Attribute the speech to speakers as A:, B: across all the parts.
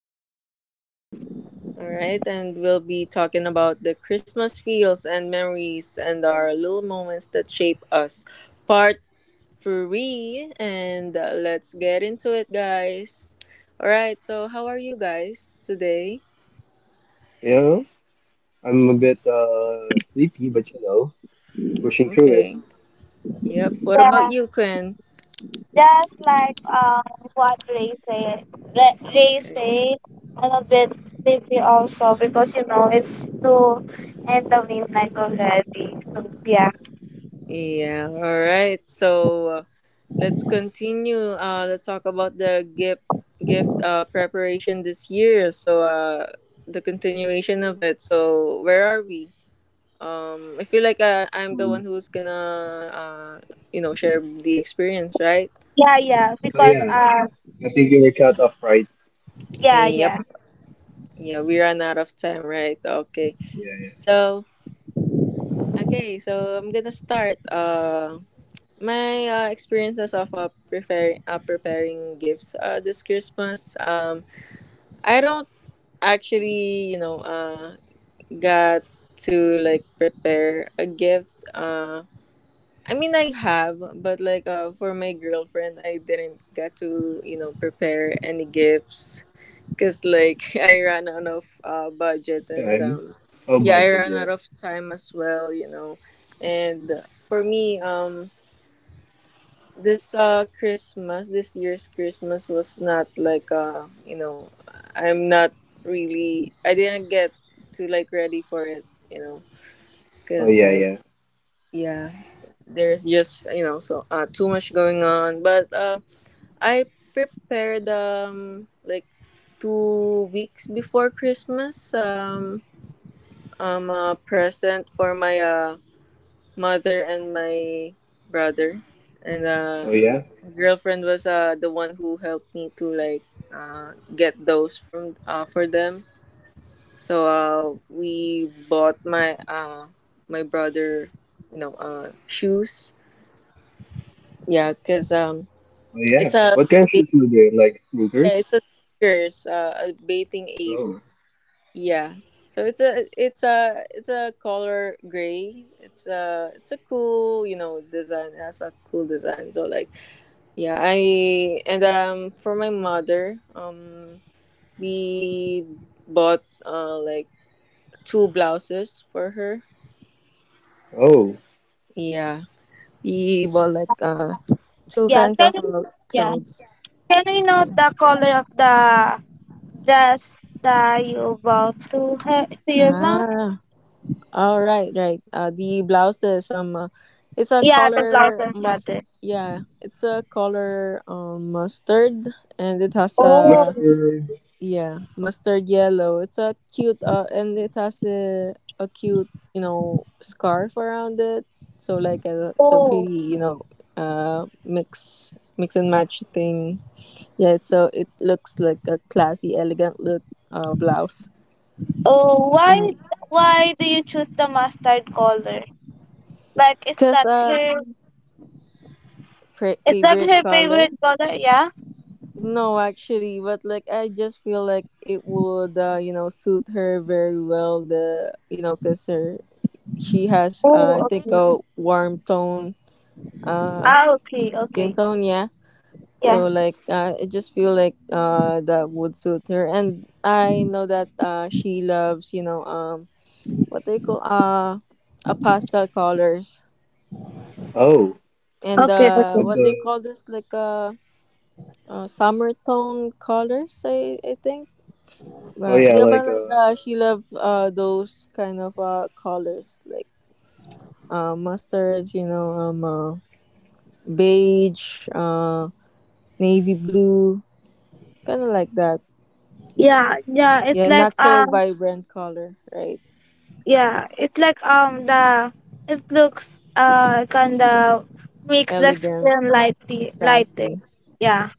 A: name is Gwen.
B: All right, and we'll be talking about the Christmas feels and memories and our little moments that shape us. Part three, and let's get into it, guys. All right, so how are you guys today?
C: Yeah, I'm a bit sleepy, but pushing through it.
B: Okay. Yep. What about
A: Yeah,
B: you, Quinn?
A: just like what Ray said, Ray
B: Okay.
A: said, I'm a bit sleepy also because it's 2 in the midnight already. So yeah,
B: Yeah. All right. So let's continue. Let's talk about the gift preparation this year. So the continuation of it. So where are we? I feel like I'm the
C: Hmm.
B: one who's gonna you know share the experience, right?
A: yeah, yeah.
C: So
A: Because
C: yeah, I think you were cut off, right?
A: yeah, yeah,
B: Yep. Yeah, we ran out of time, right? Okay.
C: Yeah,
B: So okay, so I'm gonna start. My experiences of preparing gifts this Christmas. I don't actually, you know, got to like prepare a gift. I mean, I have, but like for my girlfriend, I didn't get to, you know, prepare any gifts. Cause like I ran out of budget
C: yeah.
B: and
C: Time. Oh,
B: yeah, I
C: budget.
B: ran
C: Yeah.
B: out of time as well, you know, and for me, this Christmas, this year's Christmas was not like you know, I'm not really I didn't get to like ready for it, you know,
C: Oh
B: cuz
C: yeah,
B: like
C: yeah.
B: yeah, there's just you know, so too much going on, but I prepared like 2 weeks before Christmas a present for my mother and my brother and
C: Oh yeah.
B: My girlfriend was the one who helped me to like get those from for them. So we bought my my brother, you know, shoes. Yeah, cuz
C: Oh yeah.
B: it's a
C: What kind of
B: ba-
C: shoes do you wear? Like
B: yeah,
C: sneakers?
B: it's a sneakers, a bathing ape.
C: Oh.
B: Yeah. So it's a color gray. It's a cool, you know, design. It has a cool design. So like yeah, I and for my mother, We bought like two blouses for her.
C: Oh.
B: Yeah. We bought like two
A: yeah.
B: kinds
A: Can
B: of
A: we, yeah?
B: clothes.
A: Can we know the color of the dress that you bought to your mom?
B: Ah, all right, right. The blouses. It's a
A: Yeah, the
B: color
A: blouses
B: must.
A: rather.
B: Yeah, it's a color mustard, and it has
C: I'm not
A: Oh,
B: a
C: sure.
B: Yeah, mustard yellow. It's a cute and it has a cute, you know, scarf around it. So it's a
A: oh.
B: pretty, you know, mix and match thing. Yeah, it's so it looks like a classy, elegant look blouse.
A: Oh, why
B: Mm.
A: why do you choose the mustard color? Like, is
B: Cause
A: that
B: uh
A: her is that
B: favorite
A: her
B: color?
A: favorite color? Yeah.
B: No, actually, but like I just feel like it would you know, suit her very well the you know, cause her she has, I
A: Oh,
B: think,
A: okay.
B: a warm tone, uh,
A: Ah, okay,
B: skin
A: okay.
B: tone. Yeah.
A: Yeah.
B: So like, I just feel like that would suit her, and I know that she loves, you know, what they call a pastel colors,
C: Oh.
B: and
A: Okay, okay.
C: But.
B: what they call this like summer tone colors. I think.
C: Oh yeah.
B: Yeah, but
C: Like.
B: like she loves those kind of colors like mustards, you know, beige. Navy blue, kind of like that.
A: Yeah, yeah. It's
B: Yeah,
A: like
B: not so vibrant color, right?
A: yeah. It's like the it looks kinda makes the
B: Elegant,
A: skin lighty lighter.
B: classy.
A: Yeah.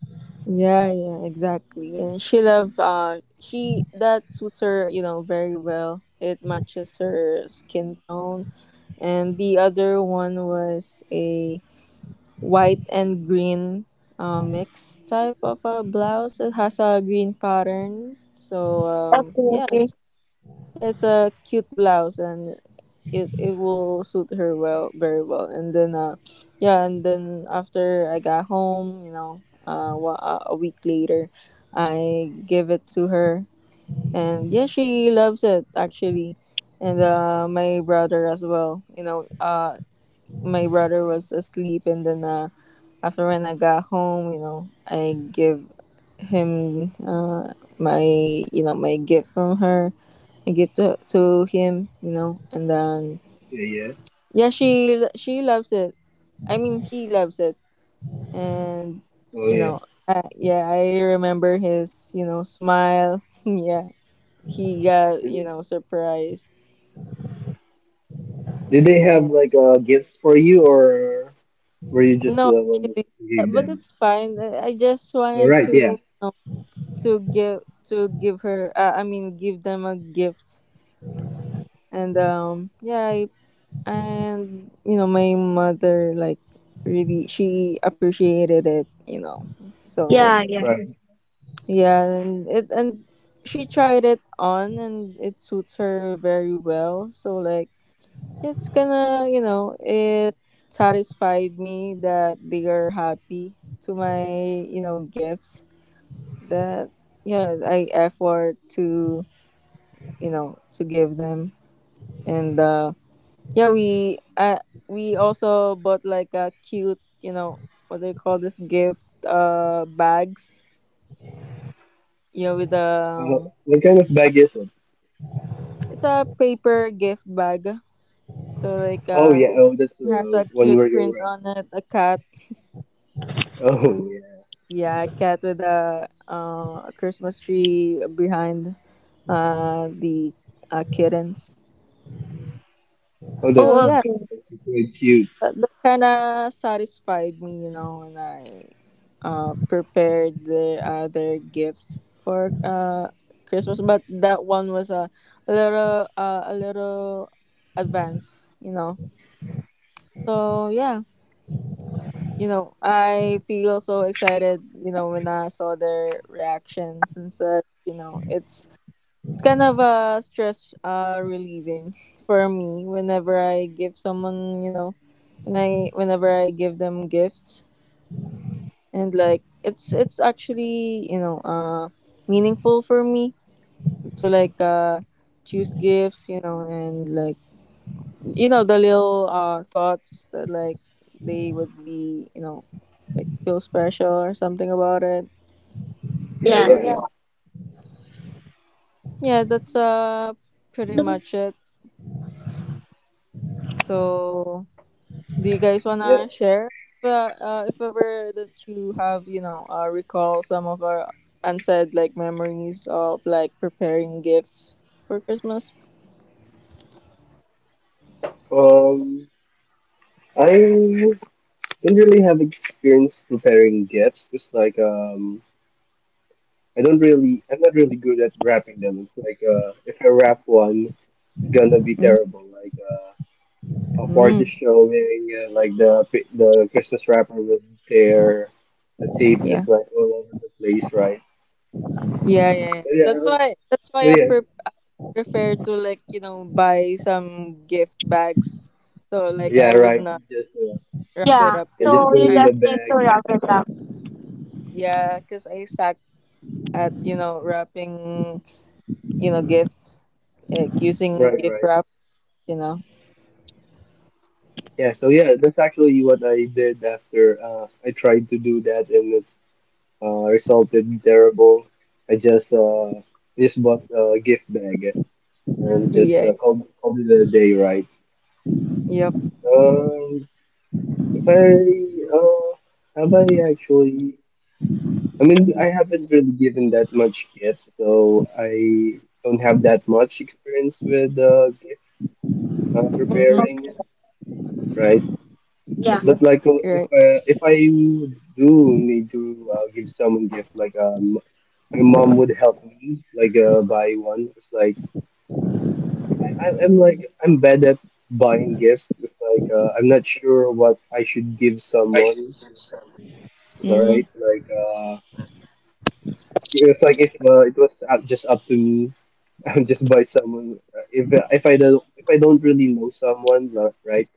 B: Yeah, yeah, exactly. And she that suits her, you know, very well. It matches her skin tone. And the other one was a white and green mix type of a blouse. It has a green pattern. So
A: Okay, okay.
B: yeah, it's a cute blouse and it will suit her very well and then yeah and then after I got home you know a week later I give it to her and yeah she loves it actually and my brother as well you know my brother was asleep and then after when I got home you know I give him my you know my gift from her. I give to him, you know, and then
C: Yeah, yeah.
B: yeah, she loves it. I mean, he loves it, and
C: Oh
B: you
C: yeah.
B: know, yeah, I remember his you know smile. Yeah, he got
C: Did
B: you know surprised,
C: did they have
B: and
C: like gifts for you, or were you just
B: no,
C: the one
B: actually,
C: who gave
B: but
C: them?
B: it's fine. I just
C: All
B: wanted
C: right.
B: to
C: Yeah.
B: you know, to give to give her. I mean, give them a gift, and and you know, my mother like really she appreciated it. You know, so.
A: Yeah, yeah.
C: Right.
B: Yeah, and it and she tried it on and it suits her very well. So like it's gonna you know, it satisfied me that they are happy to my, you know, gifts that yeah, I effort to you know, to give them. And yeah, we also bought like a cute, you know, what do you call this gift bags. Yeah, with
C: Uh, what kind of bag is it?
B: it's a paper gift bag. So like
C: Oh yeah, oh that's
B: it has a
C: one where
B: cute
C: you're
B: print
C: right.
B: on it, a cat.
C: Oh yeah,
B: Yeah, a cat with a Christmas tree behind the kittens.
C: oh that's,
A: Oh,
B: So yeah,
A: okay.
C: that's really cute.
B: that kind of satisfied me, you know, when I prepared the other gifts for Christmas, but that one was a little advance, you know. So yeah. You know, I feel so excited, you know, when I saw their reactions and such, you know, it's kind of a stress relieving for me whenever I give someone, you know, whenever I give them gifts and like it's actually, you know, meaningful for me to like choose gifts, you know, and like you know the little thoughts that like they would be you know like feel special or something about it
C: Yeah,
A: Yeah,
B: so
C: yeah,
B: yeah yeah that's pretty
A: yeah.
B: much it so do you guys
C: yeah.
B: wanna share uh, if ever that you have you know recall some of our unsaid like memories of like preparing gifts for Christmas.
C: Um, I don't really have experience preparing gifts. It's like I don't really, I'm not really good at wrapping them. It's like if I wrap one, it's gonna be
B: Mm-hmm.
C: terrible. Like a party
B: Mm,
C: showing, like the Christmas wrapper with their the tape
B: yeah.
C: is like all over the place, right?
B: Yeah, yeah, yeah.
C: So yeah, oh,
B: That's why I,
C: yeah,
B: pre- I prefer to like, you know, buy some gift bags. So like
C: yeah,
B: I would
C: right.
B: not
C: Just
B: wrap it
A: Yeah.
B: up
C: yeah,
B: cuz
C: just
A: So
C: put it
A: you
C: in
B: I
C: the
A: just need
C: bag.
A: to wrap it up.
B: yeah, cuz I suck at, you know, wrapping, you know, gifts. Like using
C: Right,
B: gift
C: right.
B: wrap, you know.
C: Yeah. So yeah, that's actually what I did after I tried to do that, and it resulted terrible. I just bought a gift bag and just
B: Yeah.
C: called it a day, right?
B: Yep.
C: Um, if I uh, have I actually? I mean, I haven't really given that much gifts, so I don't have that much experience with gift
B: Mhm.
C: preparing.
A: Okay.
C: Right.
B: Yep.
A: Yeah.
C: But
B: Right.
C: like if I do need to give someone gift, like my mom would help me like buy one. It's like I'm like I'm bad at buying gifts. It's like I'm not sure what I should give someone. All
B: Mhm.
C: right. Like it's like if it was just up to me, I would just buy someone. If I don't really know someone, right?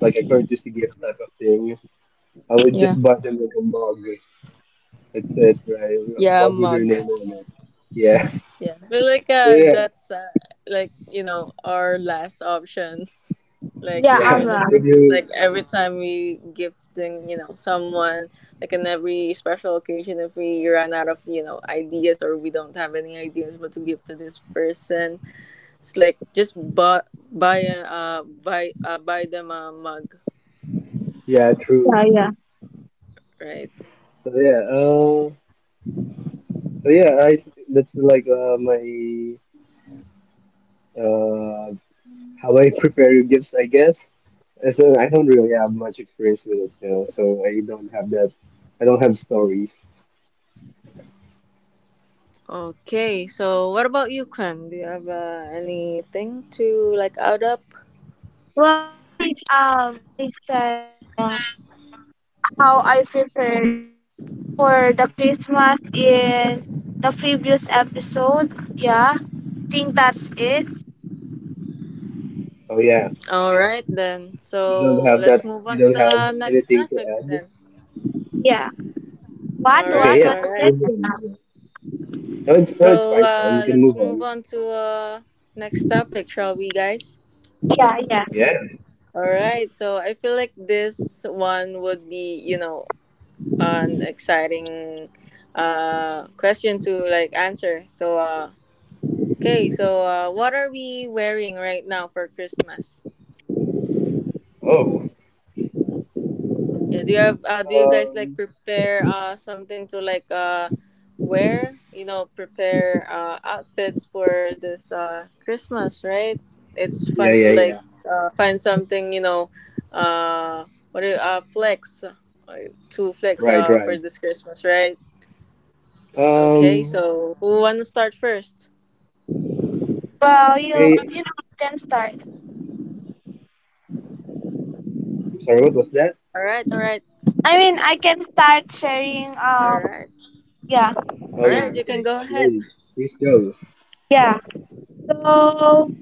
C: Like a courtesy gift type of thing. I would
B: Yeah.
C: just buy them like a mug. Etc.
B: Yeah, a
C: Mug with your
B: mug.
C: name on it. Yeah.
B: Yeah. I feel like
C: So yeah,
B: that's like, you know, our last option. Like
A: Yeah,
B: here
C: yeah.
B: in the
C: If
A: alright.
B: Philippines. Like
C: you
B: every time we gifting, you know, someone, like on every special occasion, if we run out of, you know, ideas or we don't have any ideas what to give to this person, it's like just buy buy a buy buy them a mug,
C: yeah, true.
A: Yeah, yeah.
B: right?
C: So yeah, so yeah, I that's like my uh how I prepare gifts, I guess. And so I don't really have much experience with it. So I don't have that. I don't have stories.
B: Okay, so what about you, Kwan? Do you have anything to like add up?
A: Well, I think I said how I prepared for the Christmas in the previous episode. Yeah, think that's it.
C: Oh yeah,
B: All right then.
C: you don't
B: So
C: have that.
B: let's move
C: You
B: on to
C: don't have
B: the next
C: anything to
B: topic
C: add.
B: then.
A: Yeah. What?
B: All
C: Okay,
B: right,
A: What?
C: yeah.
A: What
B: all
A: is
B: right.
A: it?
C: Move on. Yeah. No, it's no, it's fine.
B: So
C: It's fine. We can
B: let's
C: move
B: move
C: on.
B: on to next topic, shall we, guys?
A: Yeah, yeah.
C: Yeah.
B: All right. So I feel like this one would be, you know, an exciting question to like answer. So okay. So what are we wearing right now for Christmas?
C: Oh.
B: Yeah, do you have do you guys like
C: Um.
B: prepare something to like wear, you know, prepare outfits for this Christmas, right? It's
C: Yeah.
B: fun to
C: Yeah. Yeah.
B: like find something, you know, uh flex to flex
C: Right, right.
B: for this Christmas, right? Okay,
C: Um,
B: so who wanna start first?
A: Well, you
C: hey,
A: can start.
C: I'm sorry, what was that?
B: All right, all right,
A: I mean, I can start sharing.
B: all right.
A: Yeah,
B: All
C: Oh,
B: right,
C: yeah,
B: you can
C: okay.
B: go ahead.
C: Yeah, please go.
A: yeah. So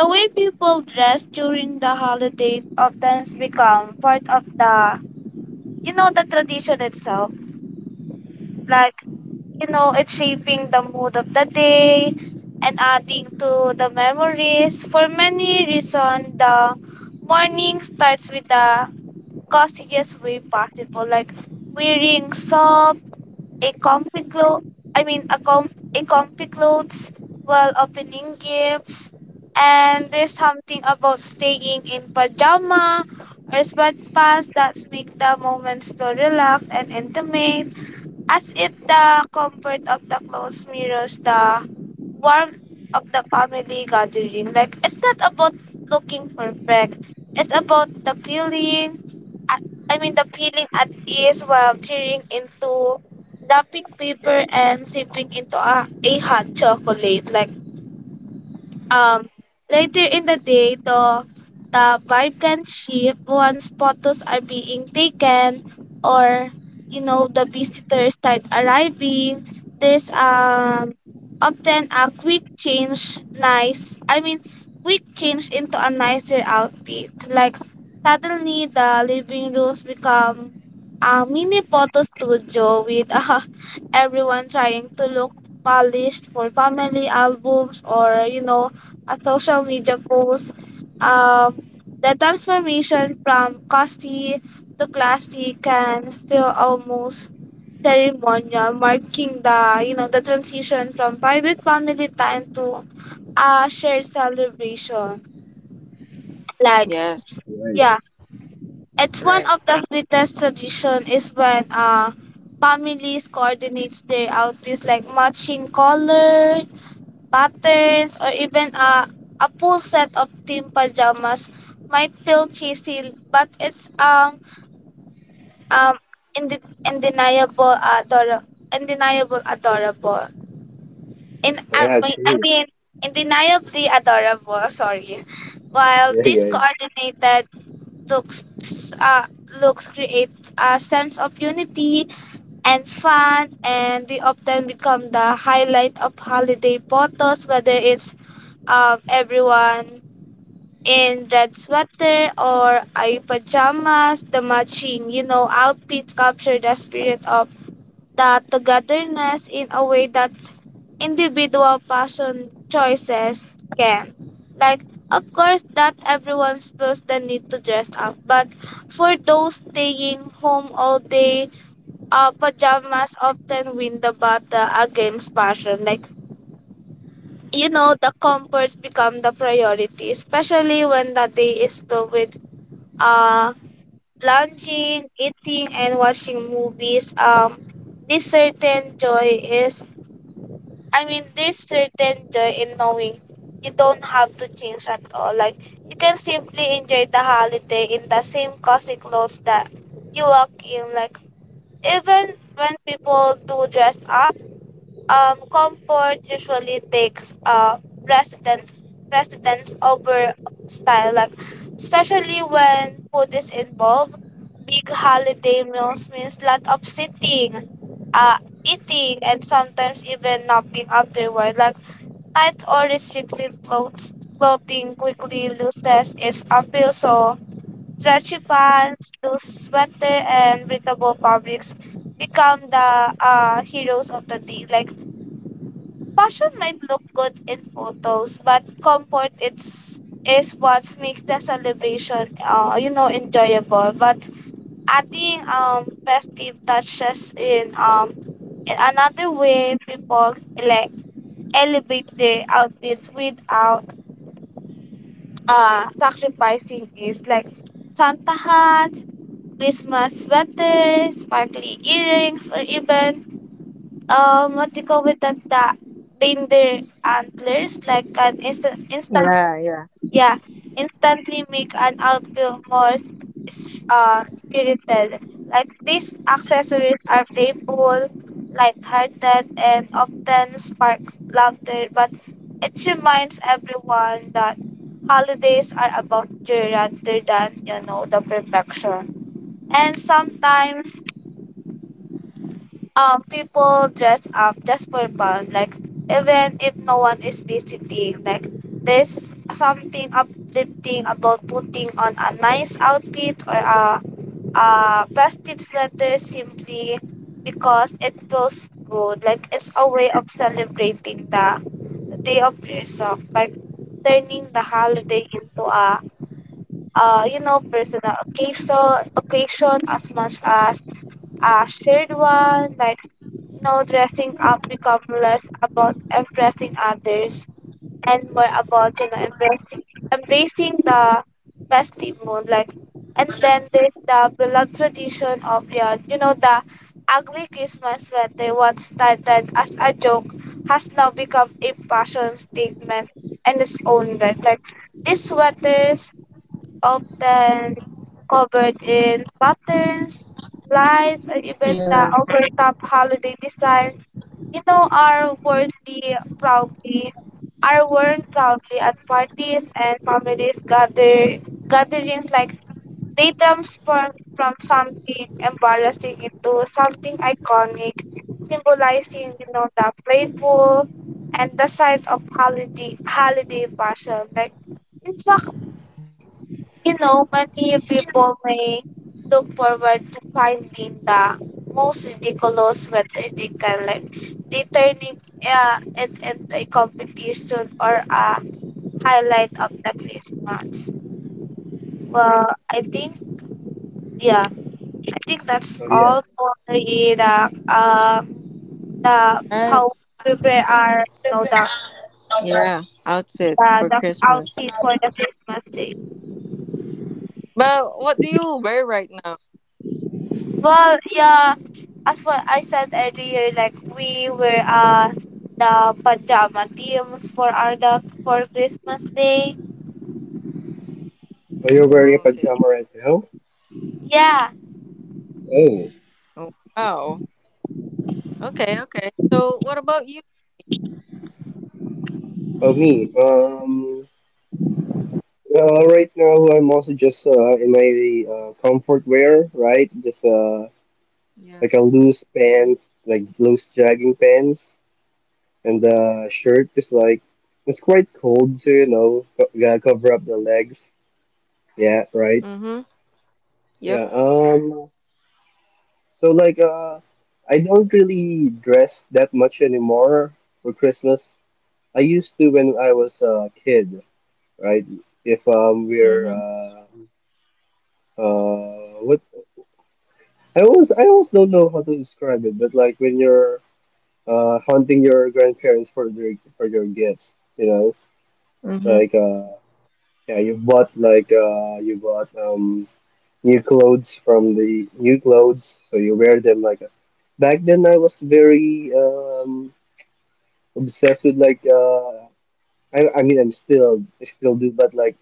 A: the way people dress during the holidays often become part of the the tradition itself, like it's shaping the mood of the day, and adding to the memories. For many reasons, the morning starts with the coziest way possible, like wearing soft a comfy I mean, a comfy clothes while opening gifts, and there's something about staying in pajama or sweatpants that make the moments feel relaxed and intimate, as if the comfort of the clothes mirrors the warmth of the family gathering. Like, it's not about looking perfect. It's about the feeling. At, I mean the feeling at ease while tearing into wrapping paper and sipping into a hot chocolate. Like um, later in the day, though, the vibe can shift once photos are being taken, or the visitors start arriving. There's often a quick change, nice, I mean, quick change into a nicer outfit. Like, suddenly the living rooms become a mini photo studio with everyone trying to look polished for family albums, or a social media post. Um, the transformation from costly to classy can feel almost ceremonial, marking the you know the transition from private family time to a shared celebration. Like,
B: Yes,
C: Right.
A: yeah, it's one of
B: right.
A: the sweetest tradition is when families coordinates their outfits, like matching color, patterns, or even a full set of team pajamas might feel cheesy, but it's um undeniable adorable, undeniable adorable. In
C: Oh,
A: I
C: yeah,
A: mean,
C: true.
A: undeniably adorable. Sorry, while
C: Yeah,
A: this
C: yeah, yeah.
A: coordinated looks uh looks create a sense of unity and fun, and they often become the highlight of holiday photos, whether it's of everyone in red sweater or a pajamas, the matching, outfits capture the spirit of the togetherness in a way that individual fashion choices can. Like, of course, that everyone feels the need to dress up, but for those staying home all day, pajamas often win the battle against fashion. Like, the comforts become the priority, especially when the day is filled with uh lounging, eating and watching movies. This certain joy is I mean this certain joy in knowing you don't have to change at all, like you can simply enjoy the holiday in the same cozy clothes that you walk in. Like, even when people do dress up, comfort usually takes precedence precedence over style, like especially when food is involved. Big holiday meals means lot of sitting, uh, eating, and sometimes even napping afterward. Like, tight or restrictive clothing quickly loses its appeal. So stretchy pants, loose sweater, and breathable fabrics become the heroes of the day. Like, Passion might look good in photos, but comfort it's is what makes the celebration enjoyable. But adding festive touches in another way people like elevate the outfits without sacrificing is like Santa hats, Christmas sweaters, sparkly earrings, or even what do you call it, that the reindeer antlers, like an instant instant
B: Yeah, yeah.
A: yeah, instantly make an outfit more spirited. Like these accessories are playful, light-hearted, and often spark laughter, but it reminds everyone that holidays are about joy rather than the perfection. And sometimes people dress up just for fun, like even if no one is visiting. Like, there's something uplifting about putting on a nice outfit or a festive sweater simply because it feels good, like it's a way of celebrating the day of yourself, like turning the holiday into a personal occasion as much as I stayed one. Like, no dressing up become less about impressing others and more about embracing the festival. Like, and then there's the beloved tradition of the you know the ugly Christmas, when they once started as a joke, has now become a fashion statement in its own right. Like these sweaters, often covered in patterns, lights, and even the
B: Yeah.
A: overtop holiday design, are worldly proudly are worn proudly at parties and families gatherings, like they transform from something embarrassing into something iconic, symbolizing, the playful and the side of holiday passion. Like, it's a you know, many people may look forward to finding the most ridiculous whether they can, like they turning it into a competition or a highlight of the Christmas. Well, I think, yeah, I think that's
C: Oh, yeah.
A: all for um the
B: Right.
A: how prepare our you know the
B: Yeah, outfit
A: the,
B: for
A: the
B: Christmas.
A: outfit for the Christmas day.
B: But what do you wear right now?
A: Well, yeah, as what I said earlier, like we were the pajama teams for our dog for Christmas Day.
C: Oh, you're wearing a
B: Oh, okay.
C: pajama right now?
A: Yeah,
C: Oh,
B: Oh, wow. Okay, okay. So what about you?
C: oh, me. Well, right now I'm also just in my comfort wear, right? Just
B: Yeah.
C: like a loose pants, like loose jogging pants, and shirt, just like it's quite cold, so gotta cover up the legs. Yeah, right.
B: Mm-hmm. Yep.
C: Yeah, so like I don't really dress that much anymore for Christmas. I used to when I was a kid, right? If we're
B: Mm-hmm.
C: what I always don't know how to describe it, but like when you're hunting your grandparents for their for your gifts, you know? It's
B: Mm-hmm.
C: like yeah, you bought like you bought new clothes from the new clothes, so you wear them like a, back then I was very obsessed with like I mean I still do but like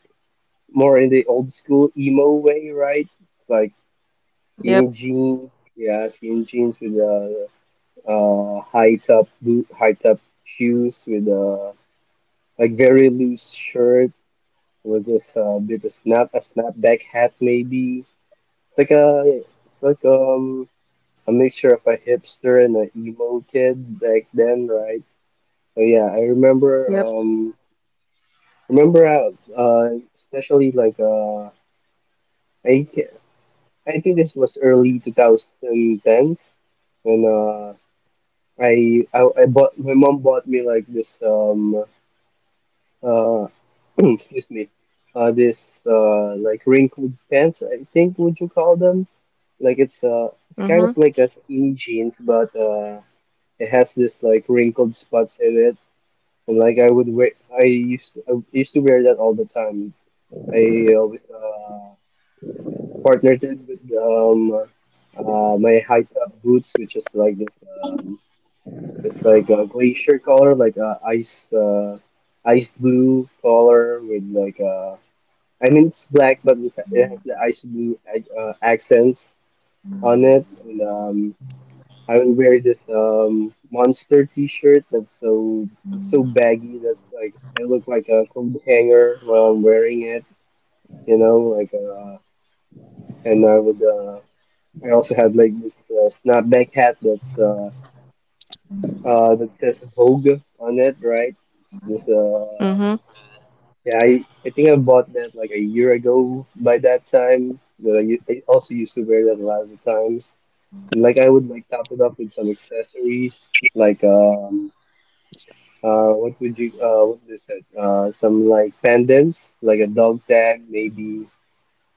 C: more in the old school emo way, right? It's like
B: Yep.
C: skinny jeans, yeah, skinny jeans with high top shoes with like very loose shirt with this bit of snapback hat maybe. It's like a mixture of a hipster and an emo kid back then, right? So yeah, I remember
B: Yep.
C: um remember how especially like I ca- I think this was early 2010s when I bought my mom bought me like this uh excuse me this like wrinkled pants I think would you call them like it's kind
B: Mm-hmm.
C: of like a skinny jeans, but it has this like wrinkled spots in it, and like I used to wear that all the time. I always partnered it with my high top boots, which is like this like a glacier color, like a ice blue color with like I mean it's black, but it has the ice blue accents on it, and. I will wear this monster T-shirt that's so it's so baggy that's like I look like a coat hanger while I'm wearing it, like and I also had like this snapback hat that says Vogue on it, right? It's this
B: Mm-hmm.
C: yeah I think I bought that like a year ago by that time. But I also used to wear that a lot of the times. Like I would like top it up with some accessories like. What would you said? Some like pendants, like a dog tag, maybe,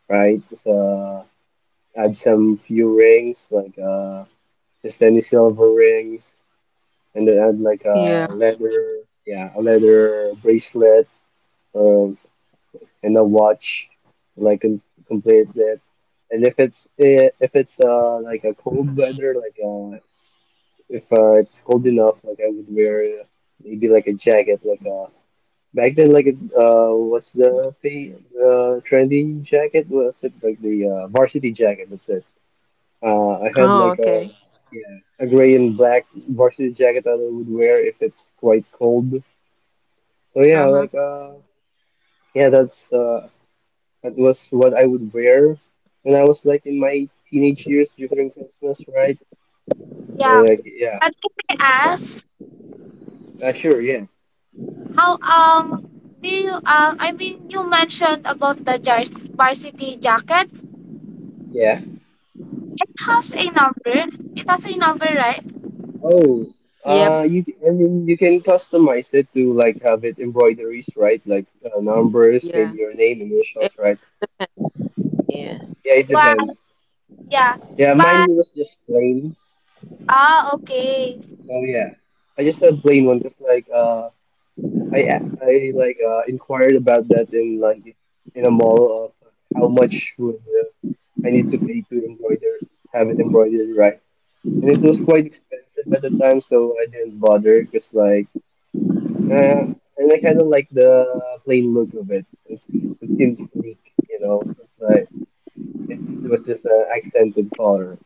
C: right? So, add some few rings, like just any silver rings, and then add like
B: Yeah.
C: a leather, yeah, a leather bracelet, um, and a watch, like complete that. And if it's like a cold weather, like if it's cold enough, like I would wear maybe like a jacket, like a back then, like, what's the thing, the trendy jacket? Was it like the varsity jacket? That's it. I had
B: Oh,
C: like
B: okay.
C: a gray and black varsity jacket that I would wear if it's quite cold. So yeah,
B: Uh-huh.
C: like yeah, that was what I would wear when I was like in my teenage years during Christmas, right? So
A: yeah.
C: like yeah,
A: And can I
B: Yeah.
A: ask,
C: sure, yeah,
A: how do you I mean, you mentioned about the varsity jacket.
C: yeah.
A: It has a number. It has a number, right?
C: Oh,
B: Yep.
C: you I mean, you can customize it to like have it embroideries, right? Like numbers, maybe
B: Yeah.
C: your name, initials,
B: Eh,
C: right?
B: yeah.
C: Yeah, it
A: But
C: depends.
A: yeah,
C: Yeah, mine
A: but
C: was just plain.
A: okay.
C: Oh yeah, I just had plain one because like I like inquired about that in like in a mall of how much would I need to pay to embroider have it embroidered, right, and it was quite expensive at the time, so I didn't bother because. Uh, and I kind of like the plain look of it. It seems sleek. It's like it's with just an accented color.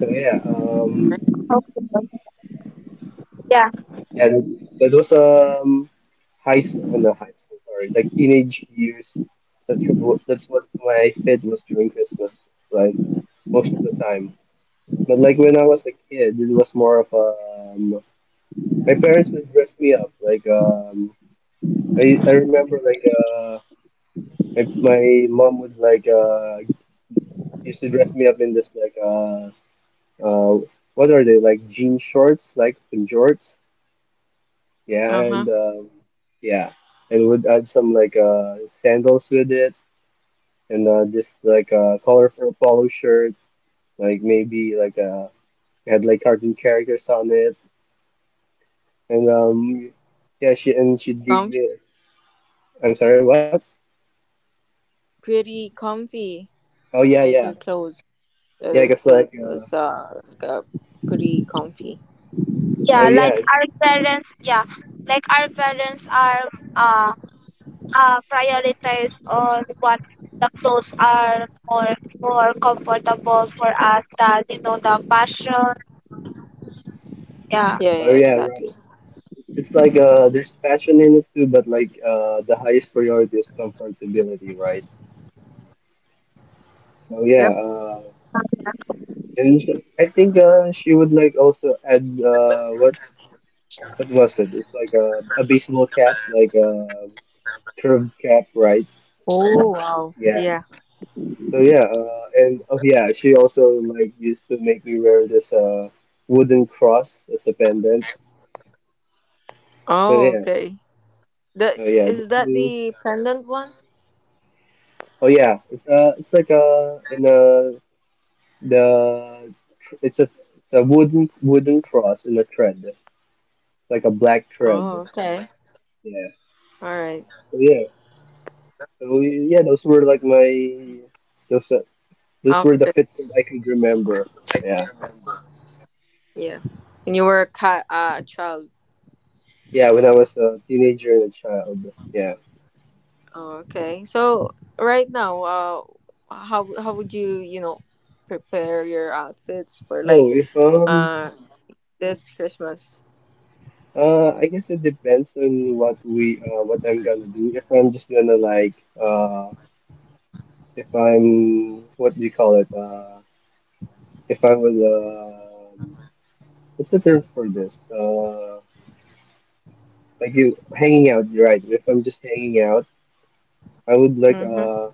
C: So yeah,
B: Right.
A: Okay. Yeah.
C: yeah, that was high school, oh, not high school, sorry, like teenage years. That's what my fit was during Christmas, like most of the time. But like when I was a kid, it was more of a um, my parents would dress me up. Like I remember like uh, if my mom would like used to dress me up in this like uh what are they like jean shorts like some jorts, yeah, and
B: Uh-huh.
C: yeah, and would add some like sandals with it, and this like colorful polo shirt, like maybe like had like cartoon characters on it, and yeah, she and she did.
B: Comfy.
C: I'm sorry, what?
B: Pretty comfy.
C: Oh yeah, yeah,
B: Like your clothes.
C: yeah, because
B: Their
C: like
B: fit was like a pretty comfy.
C: oh
A: Yeah,
C: yeah,
A: like our parents, yeah, like our parents are uh, prioritize on what the clothes are more comfortable for us than the fashion, yeah.
B: Yeah,
C: oh yeah,
B: yeah,
C: right.
B: exactly.
C: It's like there's passion in it too, but like the highest priority is comfortability, right? So yeah,
B: Yep.
C: and she, I think she would like also add what was it? It's like a baseball cap, like a curved cap, right?
B: Oh wow.
C: Yeah.
B: Yeah.
C: So yeah, and oh yeah, she also like used to make me wear this wooden cross as a pendant. So yeah,
B: Oh okay.
C: oh
B: The
C: yeah, the
B: is that the pendant one?
C: oh yeah, it's like a in a The it's a it's a wooden cross in a thread, like a black thread.
B: Oh okay.
C: Yeah.
B: All right.
C: So yeah. So yeah, those were like my those uh, those were the fits that I could
B: Outfits.
C: remember. Yeah.
B: Yeah. And you were a a child.
C: Yeah, when I was a teenager and a child. Yeah.
B: Oh, okay. So right now, how would you you know prepare your outfits for
C: Oh,
B: like
C: if
B: uh this Christmas?
C: I guess it depends on what I'm gonna do. If I'm just gonna like uh if I'm what do you call it? If I was what's the term for this? Like you hanging out, you're right? If I'm just hanging out, I would like
B: Mm-hmm.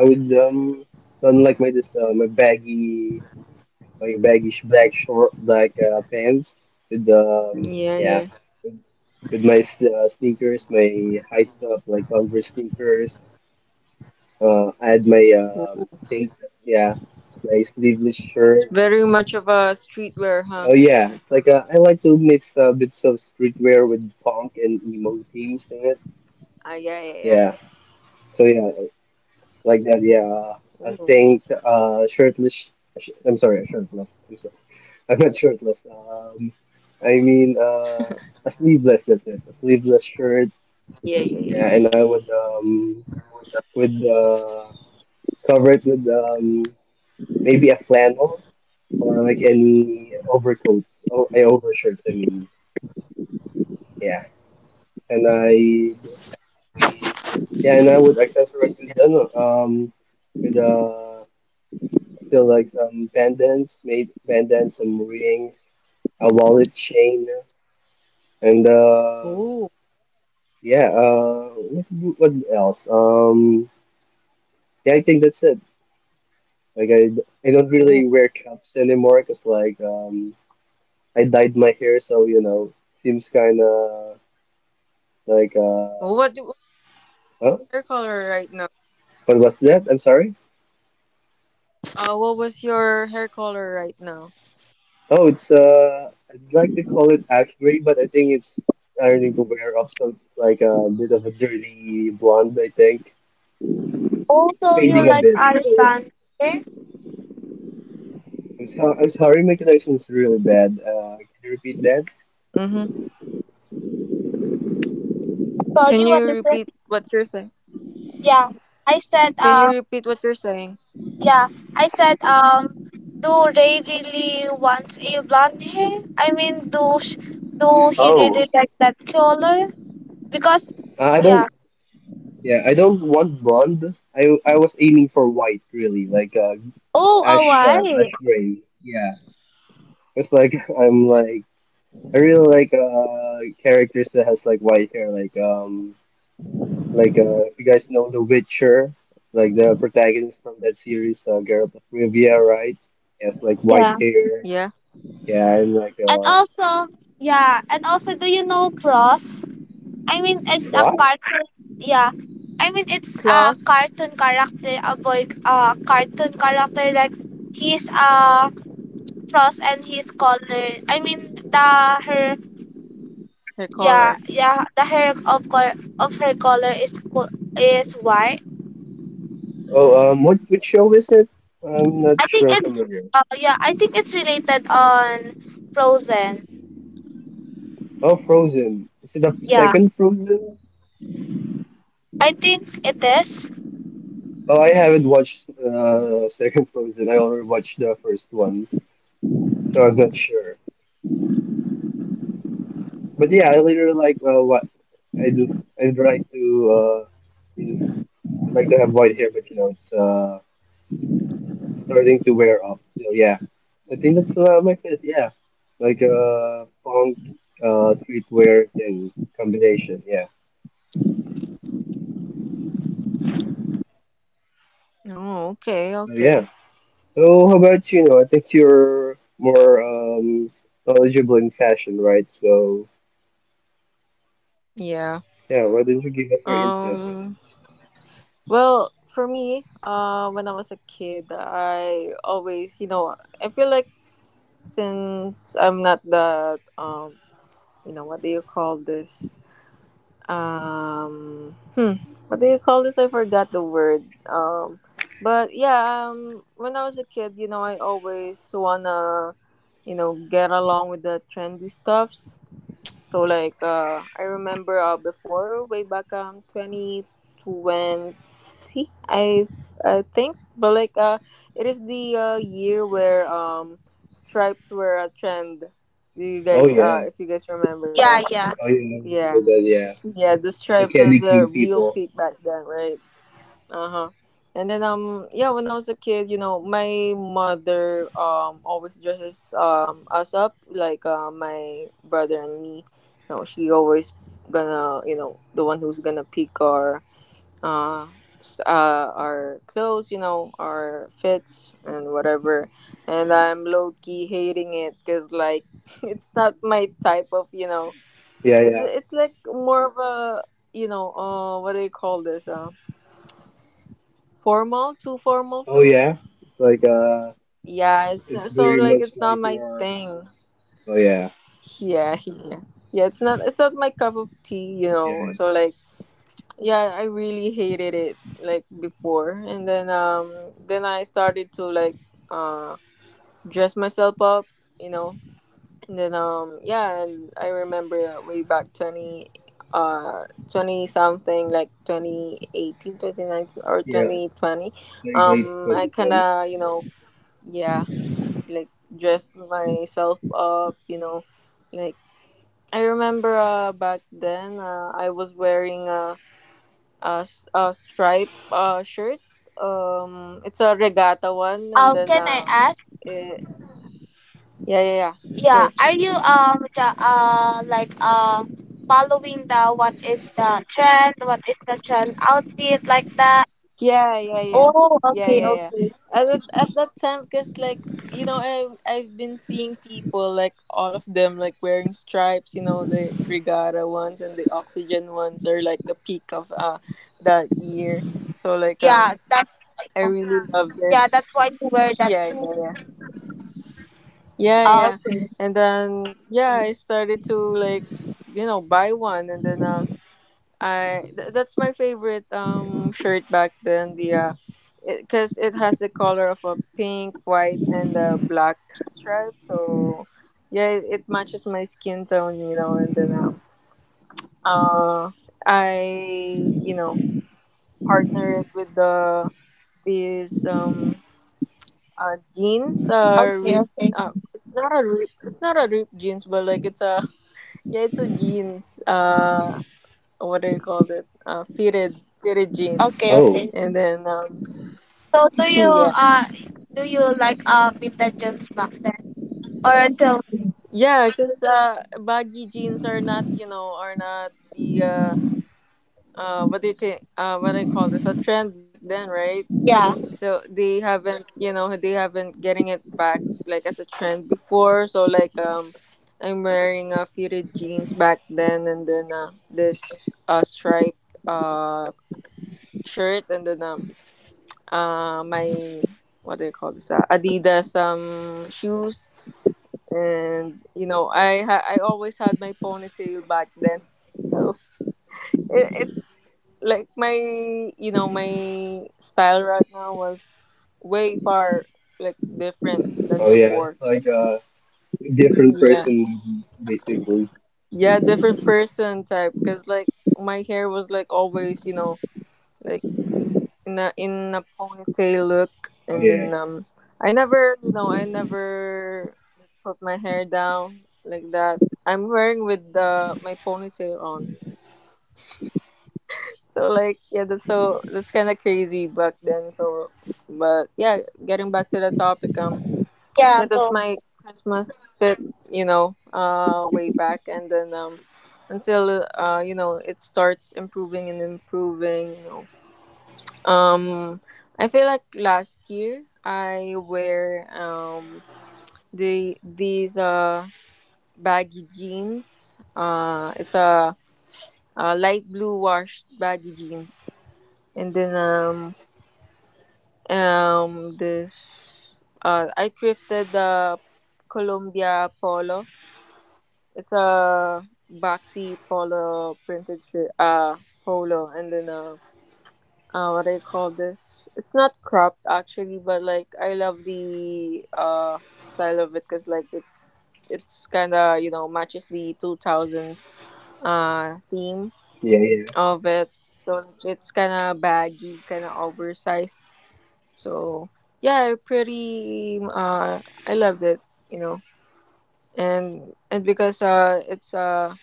C: I would don't like my baggy black short black pants with
B: Yeah,
C: yeah
B: yeah.
C: with, with my sneakers, my high top like Converse sneakers. Add my things, yeah, my sleeveless shirt.
B: It's very much of a streetwear,
C: Oh
B: huh?
C: yeah, it's like I like to mix bits of streetwear with punk and emo themes in it.
B: Ah, yeah, yeah,
C: Yeah.
B: yeah.
C: So yeah. Like that. Yeah, I
B: Ooh.
C: think shirtless. Sh I'm sorry, shirtless. I'm sorry. I'm not shirtless. I mean uh, a sleeveless. That's it. A sleeveless shirt.
B: Yeah, yeah,
C: Yeah, and
B: yeah.
C: I would cover it with maybe a flannel or like any overcoats. Oh, overshirts. I mean, yeah. And I Yeah, and I would accessorize um with a still like pendants, made pendants, some rings, a wallet chain, and
B: Oh,
C: yeah, what else? Yeah, I think that's it. Like I don't really
B: oh.
C: wear cups cause like I dyed my hair, so you know, seems kind of like
B: Well, what
C: huh?
B: hair color right now.
C: What was that? I'm sorry.
B: What was your hair color right now?
C: Oh, it's I'd like to call it ash gray, but I think it's starting to wear off, so it's like a bit of a dirty blonde, I think. It's
A: Also you
C: fading a
B: Mm-hmm.
A: like
C: bit. So yeah.
A: Alexander.
C: I'm sorry, my connection is really bad. Can you repeat that?
B: Mm-hmm.
A: Sorry,
B: Can
A: what is
B: you
A: it?
B: repeat what you're saying?
A: Yeah, I said
B: Can you repeat what you're saying?
A: yeah, I said do Ray really want a blonde hair? I mean, do do he
C: Oh,
A: really like that color? Because,
C: uh, I
A: yeah.
C: don't. Yeah, I don't want blonde. I was aiming for white, really, like
A: Oh, Hawaii.
C: ash gray. Yeah, it's like I'm like I really like characters that has like white hair, like if you guys know The Witcher, like the protagonist from that series, Geralt of Rivia, right? He has like white
A: Yeah.
C: hair.
B: Yeah.
C: Yeah, and
A: And also, yeah, and also, do you know Cross? I mean, it's a cartoon. Yeah. I mean, it's a
B: Claws,
A: cartoon character, a boy, a cartoon character, like he's a Cross, and he's color. I mean, the her,
B: hair
A: yeah,
B: color.
A: yeah, the hair of color of her color is is white.
C: Oh, what which show is it? I'm not
A: I think
C: sure I'm
A: it's
C: familiar.
A: yeah, I think it's related on Frozen.
C: Oh, Frozen. Is it the
A: Yeah.
C: second Frozen?
A: I think it is.
C: Oh, I haven't watched second Frozen. I already watched the first one, so I'm not sure. But yeah, I literally like what I do. I'd like to uh, you- I'd like to have white hair, but you know it's starting to wear off. So yeah, I think that's my fit. Yeah, like punk streetwear thing combination. Yeah.
B: Oh, okay,
C: So yeah.
B: okay.
C: Oh, how about you know? I think you're more knowledgeable in fashion, right? So
B: Yeah.
C: yeah, why don't you give us your input?
B: Um well, for me, when I was a kid, I always, you know, I feel like since I'm not that you know, what do you call this? um hmm, what do you call this? I forgot the word. um but yeah, when I was a kid, you know, I always wanna, you know, get along with the trendy stuffs. So like, I remember, before, way back, 2020, i I think, but like, it is the year where stripes were a trend. do you
C: Oh
B: guys uh
C: yeah,
B: if you guys remember
A: Yeah,
B: that?
A: yeah.
C: oh yeah, I remember
B: Yeah.
C: that, yeah.
B: Yeah, the
C: The
B: stripes
C: candy
B: was a
C: cane
B: real
C: people.
B: peak back then, right? Uh huh. And then yeah, when I was a kid, you know, my mother always dresses us up like, my brother and me. You know, she always gonna, you know, the one who's gonna pick our uh, our clothes, you know, our fits and whatever. And I'm low key hating it because like it's not my type of, you know,
C: Yeah,
B: it's
C: yeah.
B: it's like more of a, you know, what do you call this, formal too formal
C: Oh
B: for me.
C: yeah, it's like
B: Yeah, it's
C: it's
B: so
C: very
B: like
C: much
B: it's not
C: like
B: my
C: your.
B: thing.
C: Oh yeah,
B: Yeah, yeah, yeah. It's not my cup of tea, you know.
C: yeah,
B: So like yeah, I really hated it like before, and then I started to like, uh dress myself up, you know. And then yeah, and I remember that way back, 20, uh 20 something, like 2018, 2019, or
C: yeah.
B: 2020.
C: Like late
B: I
C: twenty
B: kind
C: tens.
B: of, you know, yeah, like dressed myself up, you know, like I remember, back then, I was wearing a, a stripe shirt. It's a regatta one, and then
A: Can I ask?
B: it... yeah, yeah, yeah. Of
A: Yeah,
B: course.
A: are you the, like following the, what is the trend? What is the trend outfit like that?
B: Yeah, yeah, yeah,
A: Oh,
B: yeah,
A: okay,
B: yeah, yeah.
A: okay.
B: At that time, because like, you know, I've been seeing people, like all of them, like wearing stripes. You know, the regatta ones and the oxygen ones are like the peak of that year. So like,
A: Yeah, that's,
B: I really loved it.
A: yeah, that's why you wear that
B: Yeah,
A: too.
B: yeah, yeah, yeah,
A: Oh,
B: yeah.
A: okay,
B: And then yeah, I started to like, you know, buy one, and then that's my favorite shirt back then. 'Cause it has the color of a pink, white, and a black stripe. So yeah, it matches my skin tone, you know. And then uh I, you know, partner it with these jeans,
A: okay,
B: rip,
A: okay,
B: it's not a rip, jeans, but like it's a yeah, it's a jeans, what do you call it? Fitted jeans,
A: okay,
C: Oh,
A: okay.
B: and then
A: So
B: yeah,
A: do you like Vinta Jones back then or until,
B: yeah, because, baggy jeans are not, you know, are not the, what do you call this, a trend back then, right?
A: yeah,
B: So they haven't getting it back like as a trend before. So like. I'm wearing, fitted jeans back then, and then, this striped shirt, and then my, what do you call this, Adidas shoes, and you know, I always had my ponytail back then. So it like my, you know, my style right now was way far, like different than
C: oh yeah, it's
B: before.
C: like a different
B: Yeah,
C: person basically.
B: yeah, different person type, because like my hair was like always, you know, like in a ponytail look,
C: Oh
B: and
C: yeah,
B: then I never, like, put my hair down like that. I'm wearing with the my ponytail on. So like yeah, that's so that's kinda crazy back then. So but yeah, getting back to the topic,
A: yeah,
B: yeah that's
A: go,
B: my Christmas fit, you know, way back. And then until, you know, it starts improving and improving, you know. Um, I feel like last year I wear these baggy jeans. It's a, light blue washed baggy jeans, and then this I thrifted the Columbia polo. It's a boxy polo printed shirt. Polo, and then what I call this. It's not cropped actually, but like I love the style of it because like it's kind of, you know, matches the 2000s theme
C: yeah, yeah,
B: of it. So it's kind of baggy, kind of oversized. So yeah, pretty. I loved it. You know, and because, it's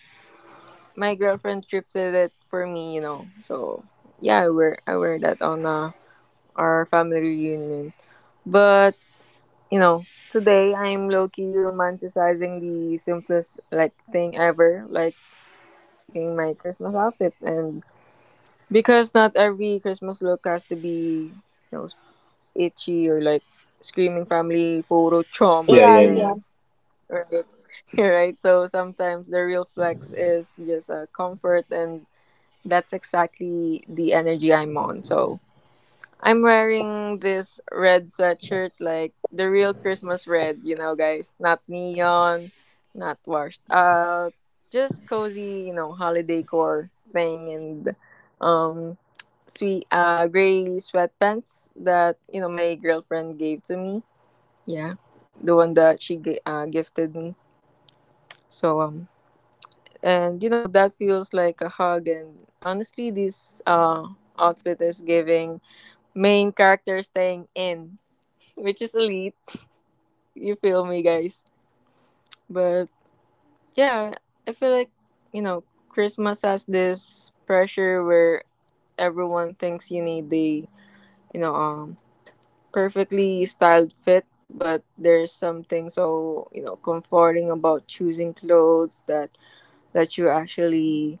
B: my girlfriend thrifted it for me. You know, so yeah, I wear that on our family reunion. But, you know, today I'm low key romanticizing the simplest like thing ever, like, you know, picking my Christmas outfit, and because not every Christmas look has to be, you know, itchy or like screaming family photo
C: yeah,
B: trauma
C: yeah,
A: yeah,
C: yeah.
A: yeah,
B: thing. Right. Right. So sometimes the real flex is just a comfort, and that's exactly the energy I'm on. So I'm wearing this red sweatshirt, like the real Christmas red, you know, guys. Not neon, not washed out, just cozy, you know, holiday core thing, and, um, sweet gray sweatpants that, you know, my girlfriend gave to me. Yeah, the one that she gifted me. So and you know that feels like a hug. And honestly, this outfit is giving main character staying in, which is elite. You feel me, guys? But yeah, I feel like, you know, Christmas has this pressure where everyone thinks you need the, you know, perfectly styled fit, but there's something so, you know, comforting about choosing clothes that you actually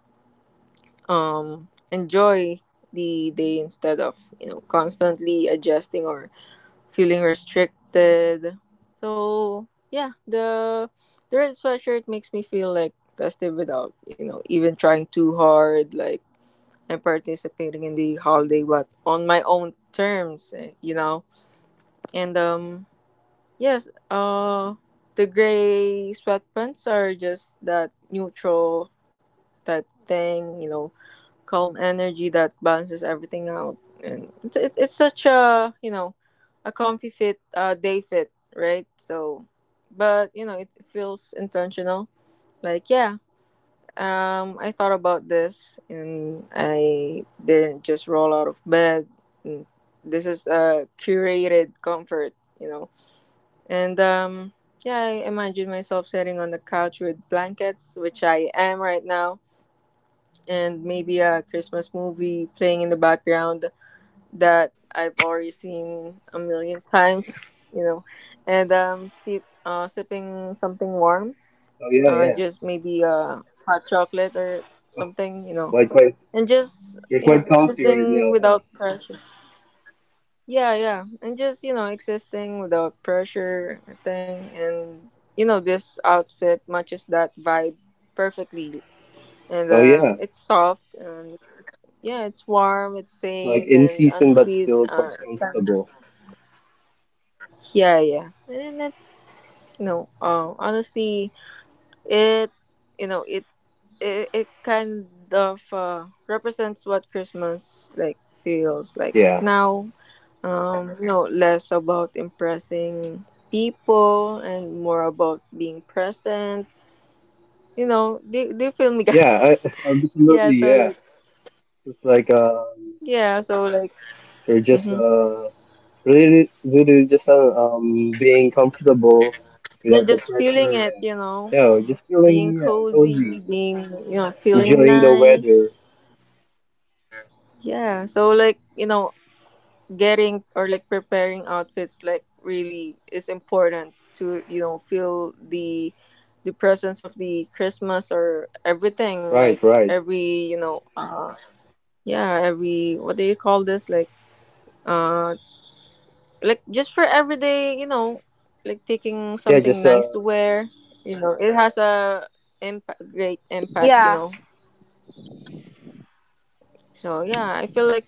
B: enjoy the day instead of, you know, constantly adjusting or feeling restricted. So yeah, the red sweatshirt makes me feel like festive without, you know, even trying too hard. Like I'm participating in the holiday, but on my own terms, eh, you know. And yes, the gray sweatpants are just that neutral type thing, you know, calm energy that balances everything out. And it's such a, you know, a comfy fit, day fit, right? So but you know, it feels intentional, like yeah. I thought about this, and I didn't just roll out of bed. Mm, this is a curated comfort, you know. And yeah, I imagine myself sitting on the couch with blankets, which I am right now, and maybe a Christmas movie playing in the background that I've already seen a million times, you know. And sipping something warm,
C: Oh yeah, yeah.
B: just maybe a hot chocolate or something, you know.
C: Likewise.
B: And just,
C: You're
B: you know,
C: quite comfy right
B: existing
C: now, huh?
B: without pressure. Yeah, yeah, and just, you know, existing without pressure thing, and you know this outfit matches that vibe perfectly, and
C: Oh yeah,
B: it's soft, and yeah, it's warm, it's
C: like
B: safe,
C: in
B: and
C: season but
B: honestly,
C: still quite
B: fun.
C: comfortable.
B: Yeah, yeah, and it's, you know, honestly, it you know it it, it kind of, represents what Christmas like feels like
C: Yeah,
B: now. You know, less about impressing people and more about being present. You know, do you feel me, guys?
C: yeah, I,
B: Yeah,
C: absolutely.
B: so
C: Yeah,
B: like
C: it's like
B: yeah, so like
C: you're just
B: mm-hmm.
C: really, really just being comfortable
B: They're
C: without the
B: just
C: pressure.
B: feeling it,
C: Yeah,
B: you know.
C: yeah, just
B: Being
C: feeling yeah
B: cozy,
C: cozy,
B: being, you know, feeling
C: enjoying the weather.
B: nice. Yeah. So like, you know, getting or like preparing outfits like really is important to, you know, feel the presence of the Christmas or everything,
C: Right,
B: like
C: right.
B: every, you know, yeah, every what do you call this? Uh like just for everyday, you know, like picking
C: Yeah,
B: something
C: just
B: nice to wear, you know, it has a impact, great impact, you
A: yeah,
B: know. So yeah, I feel like.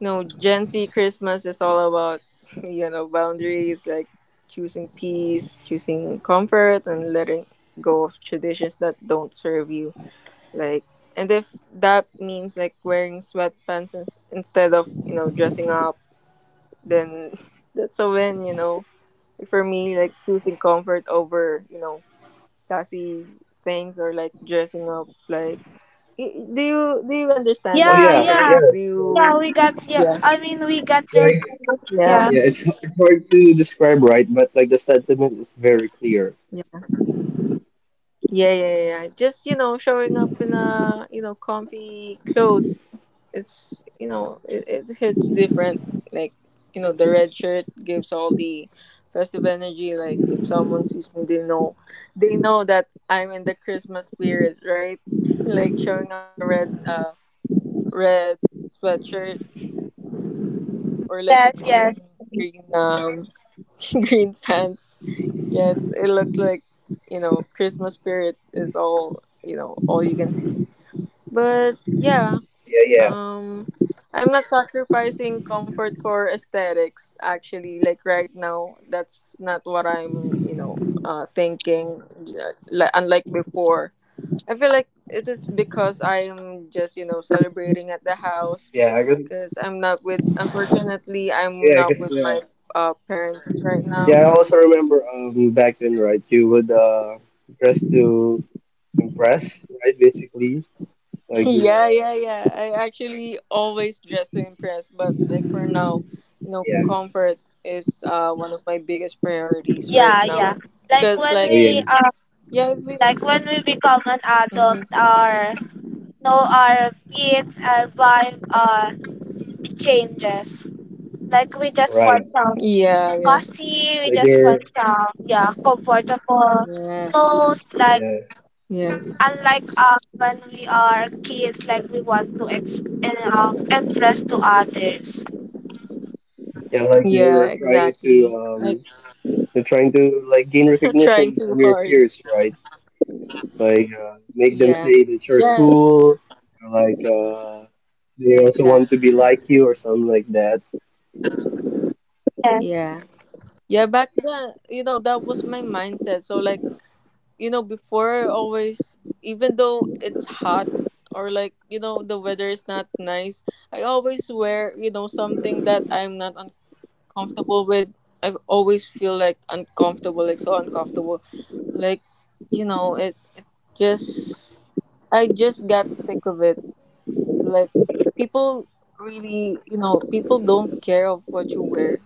B: No, Gen Z Christmas is all about, you know, boundaries, like choosing peace, choosing comfort, and letting go of traditions that don't serve you. Like, and if that means like wearing sweatpants instead of, you know, dressing up, then that's a win, you know. For me, like choosing comfort over, you know, classy things or like dressing up, like, do you understand
C: Oh
B: that,
C: yeah,
A: yeah,
B: guys? Do you?
A: yeah, we got your,
B: Yeah.
A: I mean we got
C: yeah,
A: your,
C: I,
B: Yeah.
A: yeah.
C: yeah. It's hard to describe, right? But like the sentiment is very clear.
B: Yeah, yeah, yeah. Yeah. Just, you know, showing up in a, you know, comfy clothes. It's, you know, it hits different. Like, you know, the red shirt gives all the festive energy. Like if someone sees me, they know that I'm in the Christmas spirit, right? Like showing up in a red, red sweatshirt, or like a
A: Yes, yes.
B: green, green um green pants. Yeah, it looks like, you know, Christmas spirit is all you can see. But yeah,
C: Yeah, yeah.
B: um, I'm not sacrificing comfort for aesthetics. Actually, like right now, that's not what I'm, you know, thinking. Unlike before, I feel like it is because I am just, you know, celebrating at the house
C: Yeah, I could,
B: because I'm not with. Unfortunately, I'm
C: yeah, I
B: not
C: guess,
B: with
C: yeah.
B: my parents right now.
C: Yeah, I also remember back then, right? You would dress to impress, right? Basically, like
B: Yeah, yeah, yeah. I actually always dress to impress, but like for now, you know,
C: yeah,
B: comfort is one of my biggest priorities right
A: Yeah, yeah.
B: now.
A: Like
B: Cause
A: when
B: like
C: oh yeah,
A: we uh,
B: yeah, I've been,
A: like when we become an adult,
B: hmm,
A: our, no, our kids, our vibe, it changes. Like we just want
C: right.
A: some
B: yeah, yeah,
A: cozy, we
C: Like
A: just want
C: you're,
A: some, yeah, comfortable
B: yes,
A: clothes. Like,
C: yeah,
B: yeah,
A: unlike when we are kids, like we want to and impress to others.
C: yeah, like
B: yeah, exactly. Like
C: you're trying to like gain
B: trying
C: recognition
B: too
C: from your
B: hard.
C: peers, right? Like make them
B: Yeah,
C: say that you're
B: yeah,
C: cool, or like they
B: yeah,
C: also want to be
B: exactly.
C: like you or something like that.
A: Yeah,
B: Yeah. Yeah, back then, you know, that was my mindset. So like, before I always, even though it's hot, or like, the weather is not nice, I always wear, something that I'm not uncomfortable with. I always feel like uncomfortable, like so uncomfortable, like, it just, I just got sick of it. So like, people really, people don't care of what you wear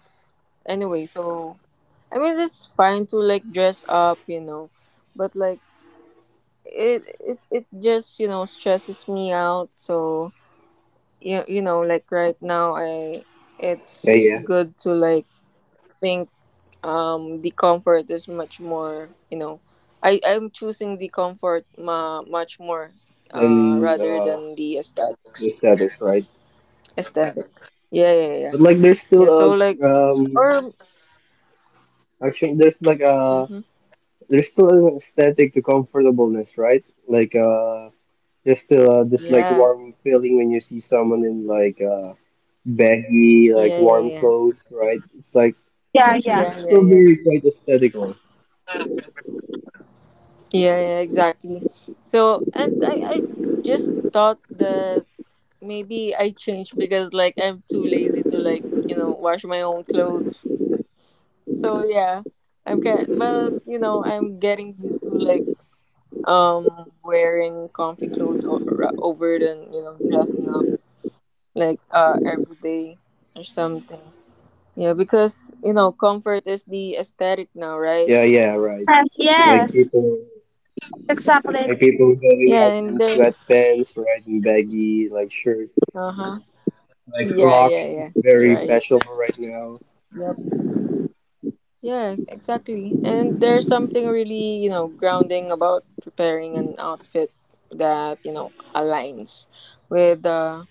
B: anyway. So I mean, it's fine to like dress up, but like it just, stresses me out. So, like right now, I
C: Yeah,
B: it's
C: yeah.
B: good to like think, the comfort is much more, I'm choosing the comfort, much more,
C: Then
B: rather than the
C: the
B: aesthetics.
C: status, right?
B: Aesthetics, yeah, yeah, yeah,
C: But
B: yeah.
C: like, there's still
B: Yeah, so
C: a
B: like, or,
C: actually there's like a
B: hmm,
C: there's still an aesthetic to comfortableness, right? Like there's still this like
B: yeah,
C: warm feeling when you see someone in like baggy like
B: yeah,
C: warm
B: yeah, yeah,
C: clothes, right? It's like
A: yeah, yeah.
C: it's
B: yeah, yeah, yeah,
C: still
B: yeah,
C: very quite aesthetical.
B: yeah, yeah, exactly. So, and I just thought that maybe I change because like I'm too lazy to like, wash my own clothes. So yeah, I'm kind, but, I'm getting used to like, wearing comfy clothes, over than, dressing up like every day or something. Yeah, because, comfort is the aesthetic now, right?
C: Yeah, yeah, right. Like
A: Yes,
C: people
A: exactly.
C: like people going
B: Yeah,
C: out
B: and
C: in
B: there,
C: sweatpants, right, and baggy like shirts,
B: uh-huh.
C: like
B: Yeah,
C: Crocs
B: yeah,
C: is
B: yeah.
C: very
B: Right.
C: fashionable right now.
B: Yeah. Yeah, exactly. And there's something really, grounding about preparing an outfit that, aligns with,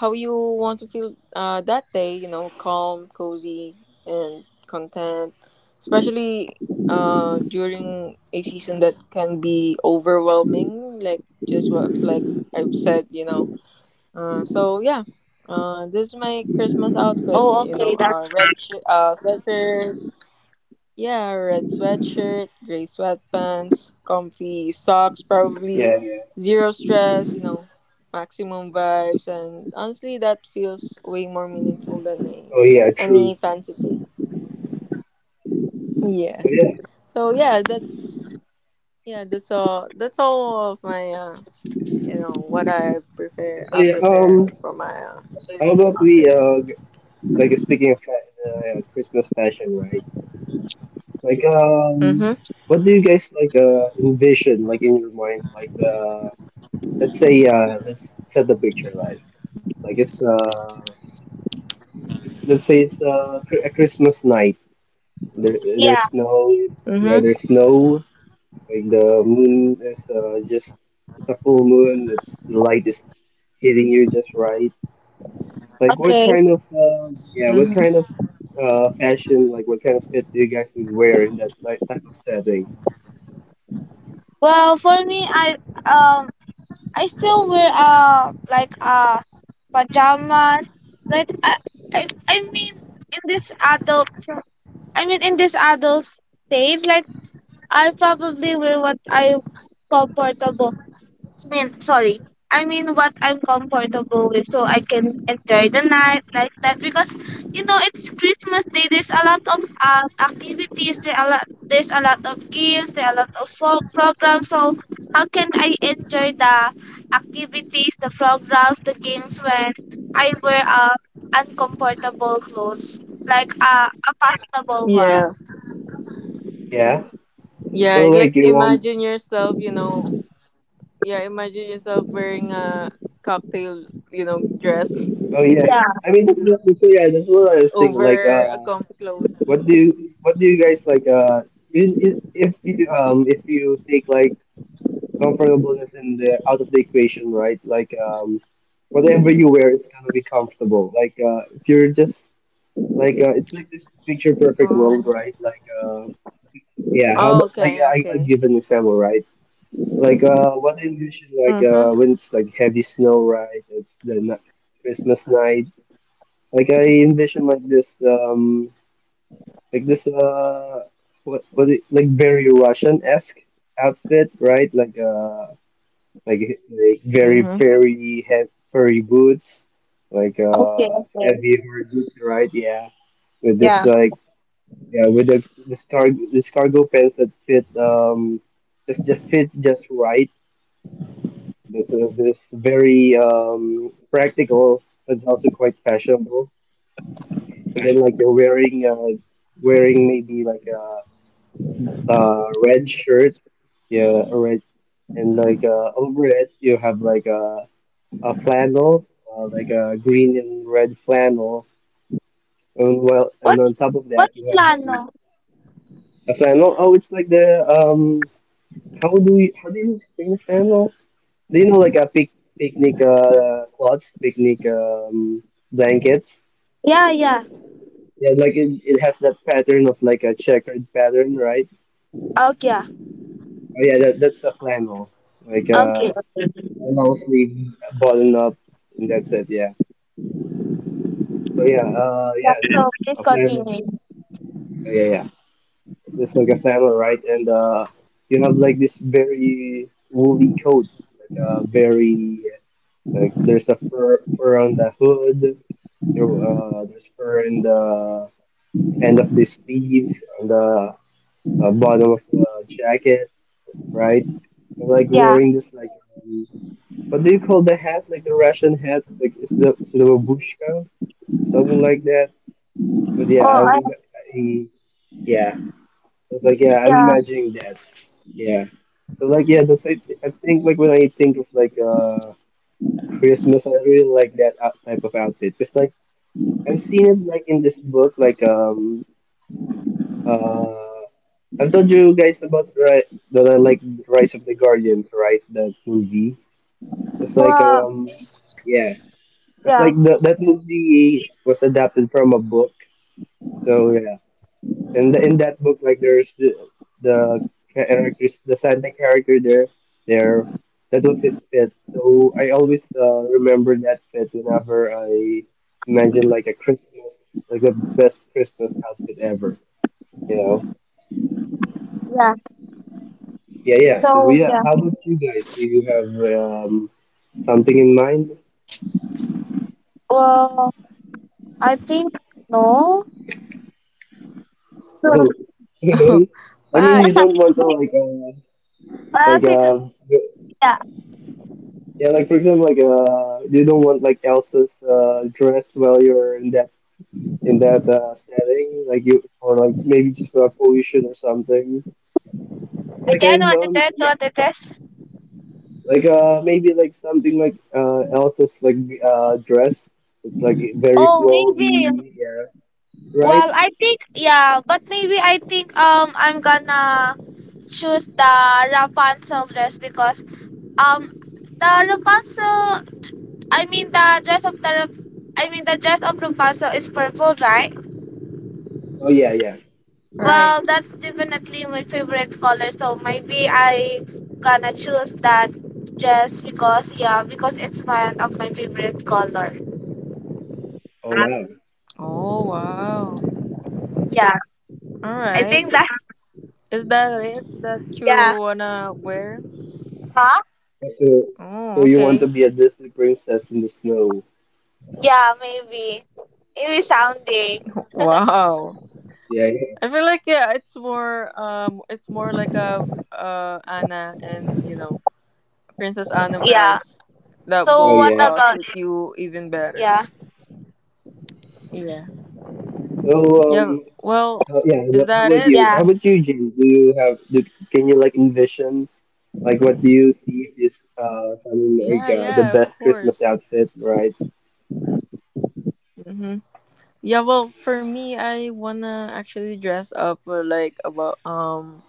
B: how you want to feel, that day, you know, calm, cozy, and content, especially, during a season that can be overwhelming, like just what, like I've said. So, yeah. This is my Christmas outfit, red sweatshirt, yeah, red sweatshirt, gray sweatpants, comfy socks, probably
C: Yeah. Yeah.
B: zero stress, maximum vibes. And honestly, that feels way more meaningful than
C: Oh yeah, true.
B: any fancy fit. Yeah.
C: Oh yeah.
B: So yeah, that's all. That's all of my, you know what I prefer.
C: So
B: I
C: yeah,
B: prepare for my
C: how about
B: outfit.
C: like speaking of Christmas fashion, right? Like
B: Mhm.
C: what do you guys like envision like in your mind? Like the let's say let's set the picture right. Like it's let's say it's a Christmas night. There there's
A: Yeah.
C: snow. Yeah,
B: Mhm.
C: there's snow. Like the moon is just it's a full moon. It's the light is hitting you just right. Like what
A: Okay.
C: kind of yeah, what
B: Mhm.
C: kind of fashion, like what kind of fit do you guys would wear in that like type of setting?
A: Well, for me, um I still wear like pajamas. Like I mean in this adult stage, like I probably wear what I comfortable, I mean, sorry. I mean, what I'm comfortable with, so I can enjoy the night like that. Because, it's Christmas Day. There's a lot of activities. There a lot. There's a lot of games. There are a lot of programs. So how can I enjoy the activities, the programs, the games when I wear uncomfortable clothes, like a fashionable one?
B: Yeah.
C: Yeah. So
B: Yeah.
C: like
B: Like,
C: you want
B: imagine yourself. Yeah, imagine yourself wearing a cocktail, dress
C: oh yeah. I mean that's what so yeah, that's what I was thinking. Like
B: over a comfy clothes.
C: what do you guys like if you take like comfortableness in the out of the equation, right? Like whatever you wear it's gonna be comfortable. Like if you're just like it's like this picture perfect
B: Oh.
C: world, right? Like yeah, how
B: Oh,
C: about like
B: okay,
C: I'll
B: okay.
C: give an example, right? Like what I envision is like
B: Mm-hmm.
C: when it's like heavy snow, right? It's the n Christmas night. Like I envision like this what it, like very Russian-esque outfit, right? Like like very
B: Mm-hmm.
C: very heavy furry boots, like
A: Okay. Okay.
C: heavy furry boots, right? Yeah, with this
A: Yeah.
C: like yeah, with the this cargo pants that fit just fit just right. This this very practical, but it's also quite fashionable. And then like you're wearing maybe like a red shirt, yeah, a red and like over it you have like a flannel, like a green and red flannel. And well, and on
A: What's
C: top of that you
A: What's
C: have
A: plano?
C: a flannel. Oh, it's like the how do you picnic table? Do you know like a pic picnic cloths, picnic blankets?
A: Yeah. Yeah.
C: Yeah, like it has that pattern of like a checkered pattern, right?
A: Okay.
C: Oh yeah, that's a flannel, like
A: Okay.
C: a flannel sleeve, button up, and that's it. Yeah. So yeah,
A: Yeah,
C: yeah, the
A: so please
C: a flannel.
A: continue.
C: Oh, yeah, yeah, it's like a flannel, right? And you have like this very woolly coat, like a very like there's a fur fur on the hood. There, there's fur in the end of the sleeves, on the bottom of the jacket, right? I'm like
A: Yeah.
C: wearing this like um, what do you call the hat? Like the Russian hat? Like is the is it a babushka? Something like that. But yeah,
A: Oh, I,
C: I'm he yeah. I was like yeah, I'm
A: yeah,
C: imagining that. Yeah. So like yeah, that's I think like when I think of like Christmas, I really like that out- type of outfit. It's like I've seen it like in this book, like uh I've told you guys about right that I like Rise of the Guardians, right? That movie. It's like yeah. It's
A: yeah,
C: like that movie was adapted from a book. So yeah. And in that book like there's the character, the Santa character there that was his pet so I always remember that pet whenever I imagine like a Christmas like the best Christmas outfit ever you know
A: yeah.
C: yeah yeah so
A: So,
C: yeah
A: yeah.
C: how about you guys do you have um something in mind.
A: Well, I think no.
C: Oh, okay. I mean you
B: Bye.
C: don't want to like
A: I
C: like
A: think
C: uh,
A: yeah.
C: yeah, like for example, like you don't want like Elsa's dress while you're in that setting, like you or like maybe just for a pollution or something. Like I
A: Again, what it is, what it is.
C: like maybe like something like Elsa's like dress. It's like very
A: Oh, maybe.
C: flowy, yeah. Right?
A: Well, I think yeah, but maybe I think I'm gonna choose the Rapunzel dress because um the Rapunzel. I mean the dress of the I mean the dress of Rapunzel is purple, right?
C: Oh yeah, yeah.
B: Right.
A: Well, that's definitely my favorite color. So maybe I gonna choose that just because, yeah, because it's one of my favorite color.
C: Oh wow.
B: Oh, wow.
A: Yeah,
B: All
A: I
B: right.
A: think that
B: Is that it that you
A: yeah,
B: wanna wear?
A: huh?
C: So
B: Oh,
C: so you want to
B: okay.
C: be a Disney princess in the snow?
A: Yeah, maybe it is sounding.
B: Wow.
C: Yeah. Yeah.
B: I feel like, yeah, it's more, like a, Anna and, Princess Anna
A: Yeah.
B: vibes that
C: Oh
A: So
B: will
A: what
C: yeah.
A: about
B: suit
A: it?
B: you even better.
A: Yeah.
B: Yeah.
C: So
B: Yeah, well,
C: How, yeah.
B: is
C: What, how
B: that
C: about
B: it?
C: you?
A: Yeah.
C: How about you, Jim? Do you have? Do, can you like envision? Like, what do you see is something like
B: Yeah,
C: the
B: yeah, of
C: best Christmas
B: course.
C: outfit, right?
B: Mm-hmm. Yeah, well, for me, I wanna actually dress up for like about,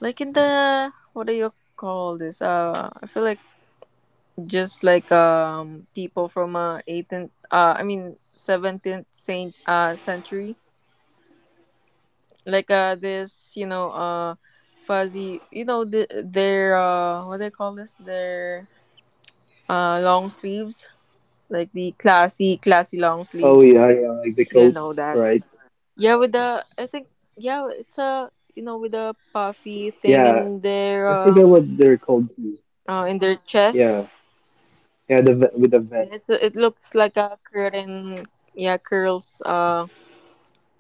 B: like in the what do you call this? I feel like just like, people from, 18th, I mean 17th, saint, century, like this, fuzzy, the, their, what do they call this, their, long sleeves, like the classy long
C: Oh
B: sleeves,
C: yeah, yeah, like the
B: you know,
C: coats,
B: that,
C: right?
B: yeah, with the, I think yeah, it's a, with a puffy thing
C: Yeah,
B: in their,
C: I forget what they're called too.
B: in their
C: Yeah,
B: chests.
C: yeah, with the vest.
B: Yes, it looks like a curtain, yeah, curls,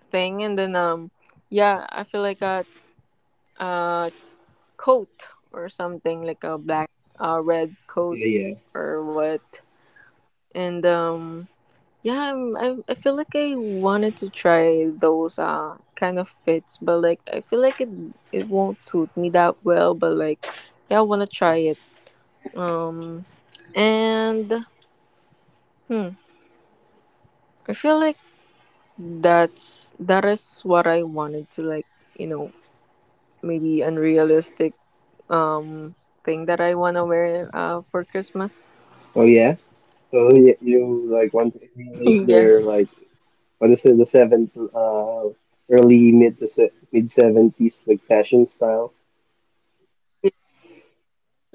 B: thing, and then, yeah, I feel like a, uh coat or something, like a black, red coat,
C: Yeah, yeah.
B: or what. And, yeah, I'm, I feel like I wanted to try those kind of fits, but like I feel like it won't suit me that well. But like, yeah, I wanna try it. Um, and hmm, I feel like that is what I wanted to like. You know, maybe unrealistic, thing that I wanna wear for Christmas.
C: Oh yeah. So you like want to emulate
B: Yeah.
C: their like what is it? The seventh, early mid to mid seventies like fashion style.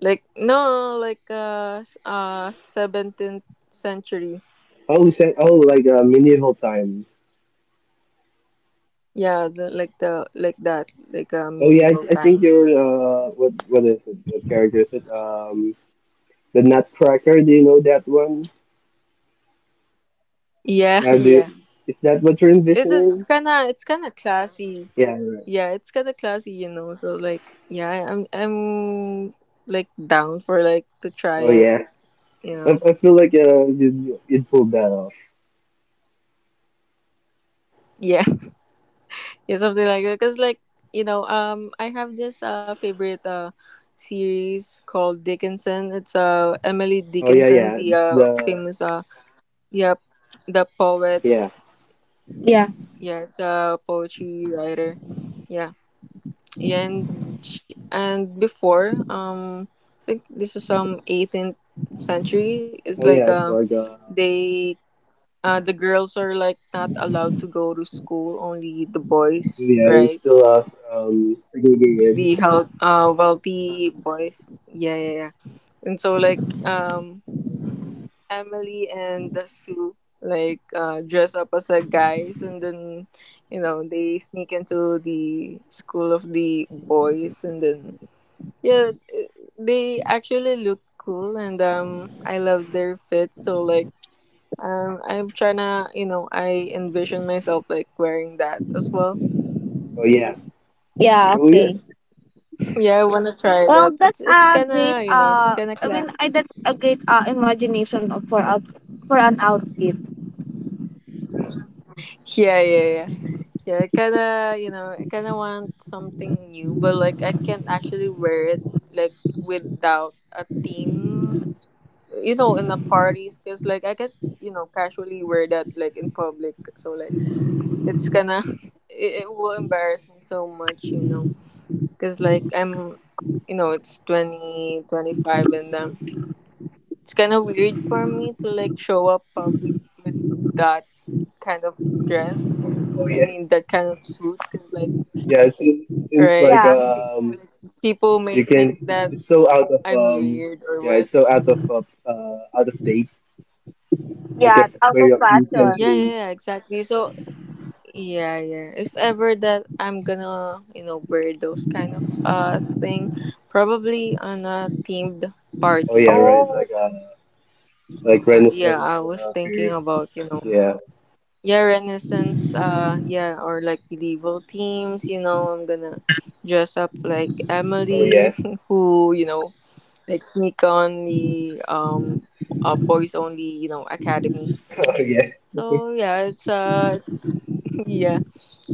B: Like, no, no, no, like, 17th century.
C: Oh, oh, like medieval time.
B: Yeah, the, like the, like that, like,
C: Oh yeah,
B: medieval
C: I think
B: times.
C: you're what is it? What character is it? The Nutcracker. Do you know that one?
B: Yeah,
C: Do you,
B: yeah.
C: is that what you're
B: it's
C: envisioning?
B: kind of, it's kind of classy.
C: Yeah. Yeah.
B: Yeah, it's kind of classy, you know. So like, yeah, I'm like down for like to try
C: Oh
B: it,
C: yeah.
B: you know.
C: I feel like you'd you'd pull that off.
B: Yeah, yeah, something like that. Cause like, I have this favorite series called Dickinson. It's Emily
C: Oh yeah
B: Dickinson,
C: yeah it's
B: the
C: the
B: famous, yeah, the poet.
C: yeah
A: Yeah.
B: Yeah, it's a poetry writer. Yeah. And before, I think this is, 18th century. It's
C: oh
B: like,
C: yeah it's like
B: they, the girls are like not allowed to go to school, only the boys,
C: yeah it's
B: right?
C: still us segregated.
B: The wealthy boys, yeah, yeah, yeah. And so like, Emily and Sue like dress up as a guys, and then, they sneak into the school of the boys, and then, yeah, they actually look cool, and, I love their fit. So like, I'm trying to, you know, I envision myself like wearing that as well.
C: Oh yeah
A: Yeah.
C: oh yeah
A: Okay.
B: Yeah, I want to try
A: Well,
B: that.
A: that's
B: It's
A: a
B: kind
A: great.
B: of, you know, it's kind of
A: I
B: cla-.
A: mean, I that's a great imagination of for out for an outfit.
B: Yeah, yeah, yeah. Yeah, I kind of, you know, I kind of want something new, but like I can't actually wear it like without a theme, you know, in the parties, cuz like I can, you know, casually wear that like in public. So like it's gonna, it will embarrass me so much, you know, because like, I'm you know it's 2025, and, it's kind of weird for me to like show up public with that kind of dress,
C: oh
B: I
C: yeah
B: mean that kind of suit, because like,
C: yeah it seems, seems
B: right,
C: like
A: Yeah.
B: like, people may
C: you
B: think
C: can
B: that
C: it's so out of
B: I'm weird or
C: yeah
B: what.
C: it's so out of date like
A: Yeah. Out
C: maybe
A: of
C: a few
A: fashion.
B: Yeah, yeah,
C: centuries.
B: yeah, exactly, so, yeah, yeah. If ever that I'm gonna, you know, wear those kind of thing, probably on a themed
C: Oh yeah,
B: parties.
C: right.
A: Oh.
C: Like
B: Yeah,
C: Renaissance
B: I was thinking
C: period.
B: about, you know,
C: Yeah.
B: yeah, Renaissance, yeah, or like medieval themes, you know, I'm gonna dress up like
C: Oh
B: Emily
C: yeah.
B: who, you know, like sneak on the, boys only, you know, academy.
C: Oh yeah.
B: So yeah, it's yeah.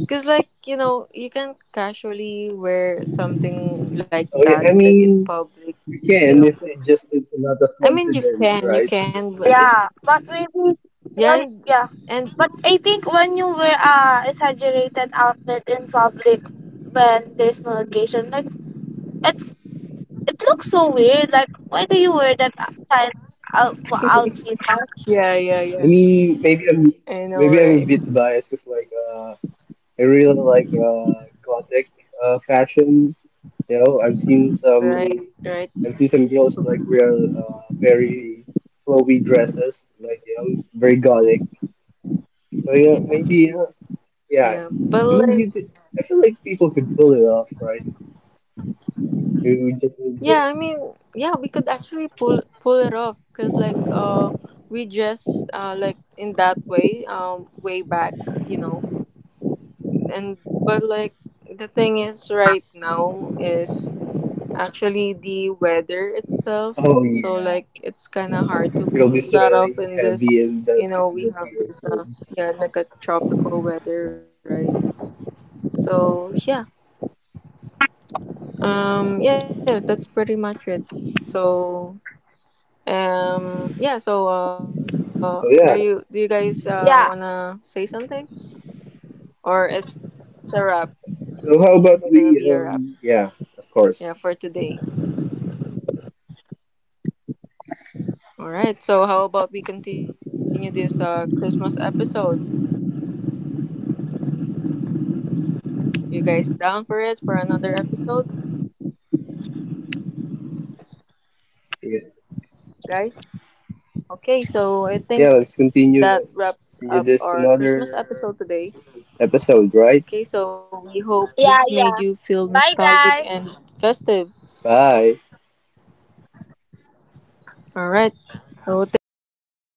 B: Because, like, you know, you can casually wear something like
C: Oh
B: that,
C: yeah. I
B: like in
C: mean,
B: public,
C: we
B: you
C: can
B: know.
C: if it just takes a lot of
B: I mean,
C: confidence,
B: you
C: right?
B: can, but it's,
A: Yeah, but maybe
B: yeah,
A: well,
B: and,
A: yeah.
B: and
A: But I think when you wear a exaggerated outfit in public when there's no occasion, like it it looks so weird. Like, why do you wear that kind of outfit?
B: yeah, yeah,
C: I
B: yeah.
C: mean, maybe I'm
B: I know,
C: maybe I'm a
B: right?
C: bit biased because like I really like gothic fashion. You know,
B: Right, right.
C: I've seen some girls like wear very flowy dresses, like you know, very gothic. So yeah,
B: Yeah,
C: maybe yeah.
B: yeah.
C: Yeah,
B: But,
C: I
B: like,
C: mean, you could. I feel like people could pull it off, right? You would just need
B: yeah, I
C: the
B: mean, yeah, we could actually pull it off, because like, we just, like in that way, way back, you know. And but like the thing is right now is, actually, the weather itself.
C: oh yes,
B: So
C: yeah.
B: like it's kind of hard to
C: You'll
B: pull
C: be
B: that off in
C: sweating
B: this.
C: heavy and
B: You know, we
C: the
B: have
C: kind
B: this,
C: of clothes.
B: yeah, like a tropical weather, right? So yeah, yeah, that's pretty much it. So, yeah, so, are you do you
C: So
B: guys
C: yeah.
B: wanna say
A: Yeah,
B: something, or it's a wrap? It's gonna be a wrap.
C: So how about we?
B: Yeah, for
C: Yeah,
B: today.
C: of course.
B: All right. So how about we continue this Christmas episode? You guys down for it for another episode, guys?
C: Yeah,
B: Okay, so I think that wraps
C: yeah. Let's
B: up our
C: continue
B: Christmas episode
C: this
B: today.
C: another
B: Okay, so we hope
C: episode, right?
B: this made you feel
A: yeah,
B: nostalgic
A: yeah.
B: and
A: Bye,
B: festive.
A: guys.
C: Bye.
B: All right. So thanks for listening, Kane's podcast, and Merry
A: Yeah.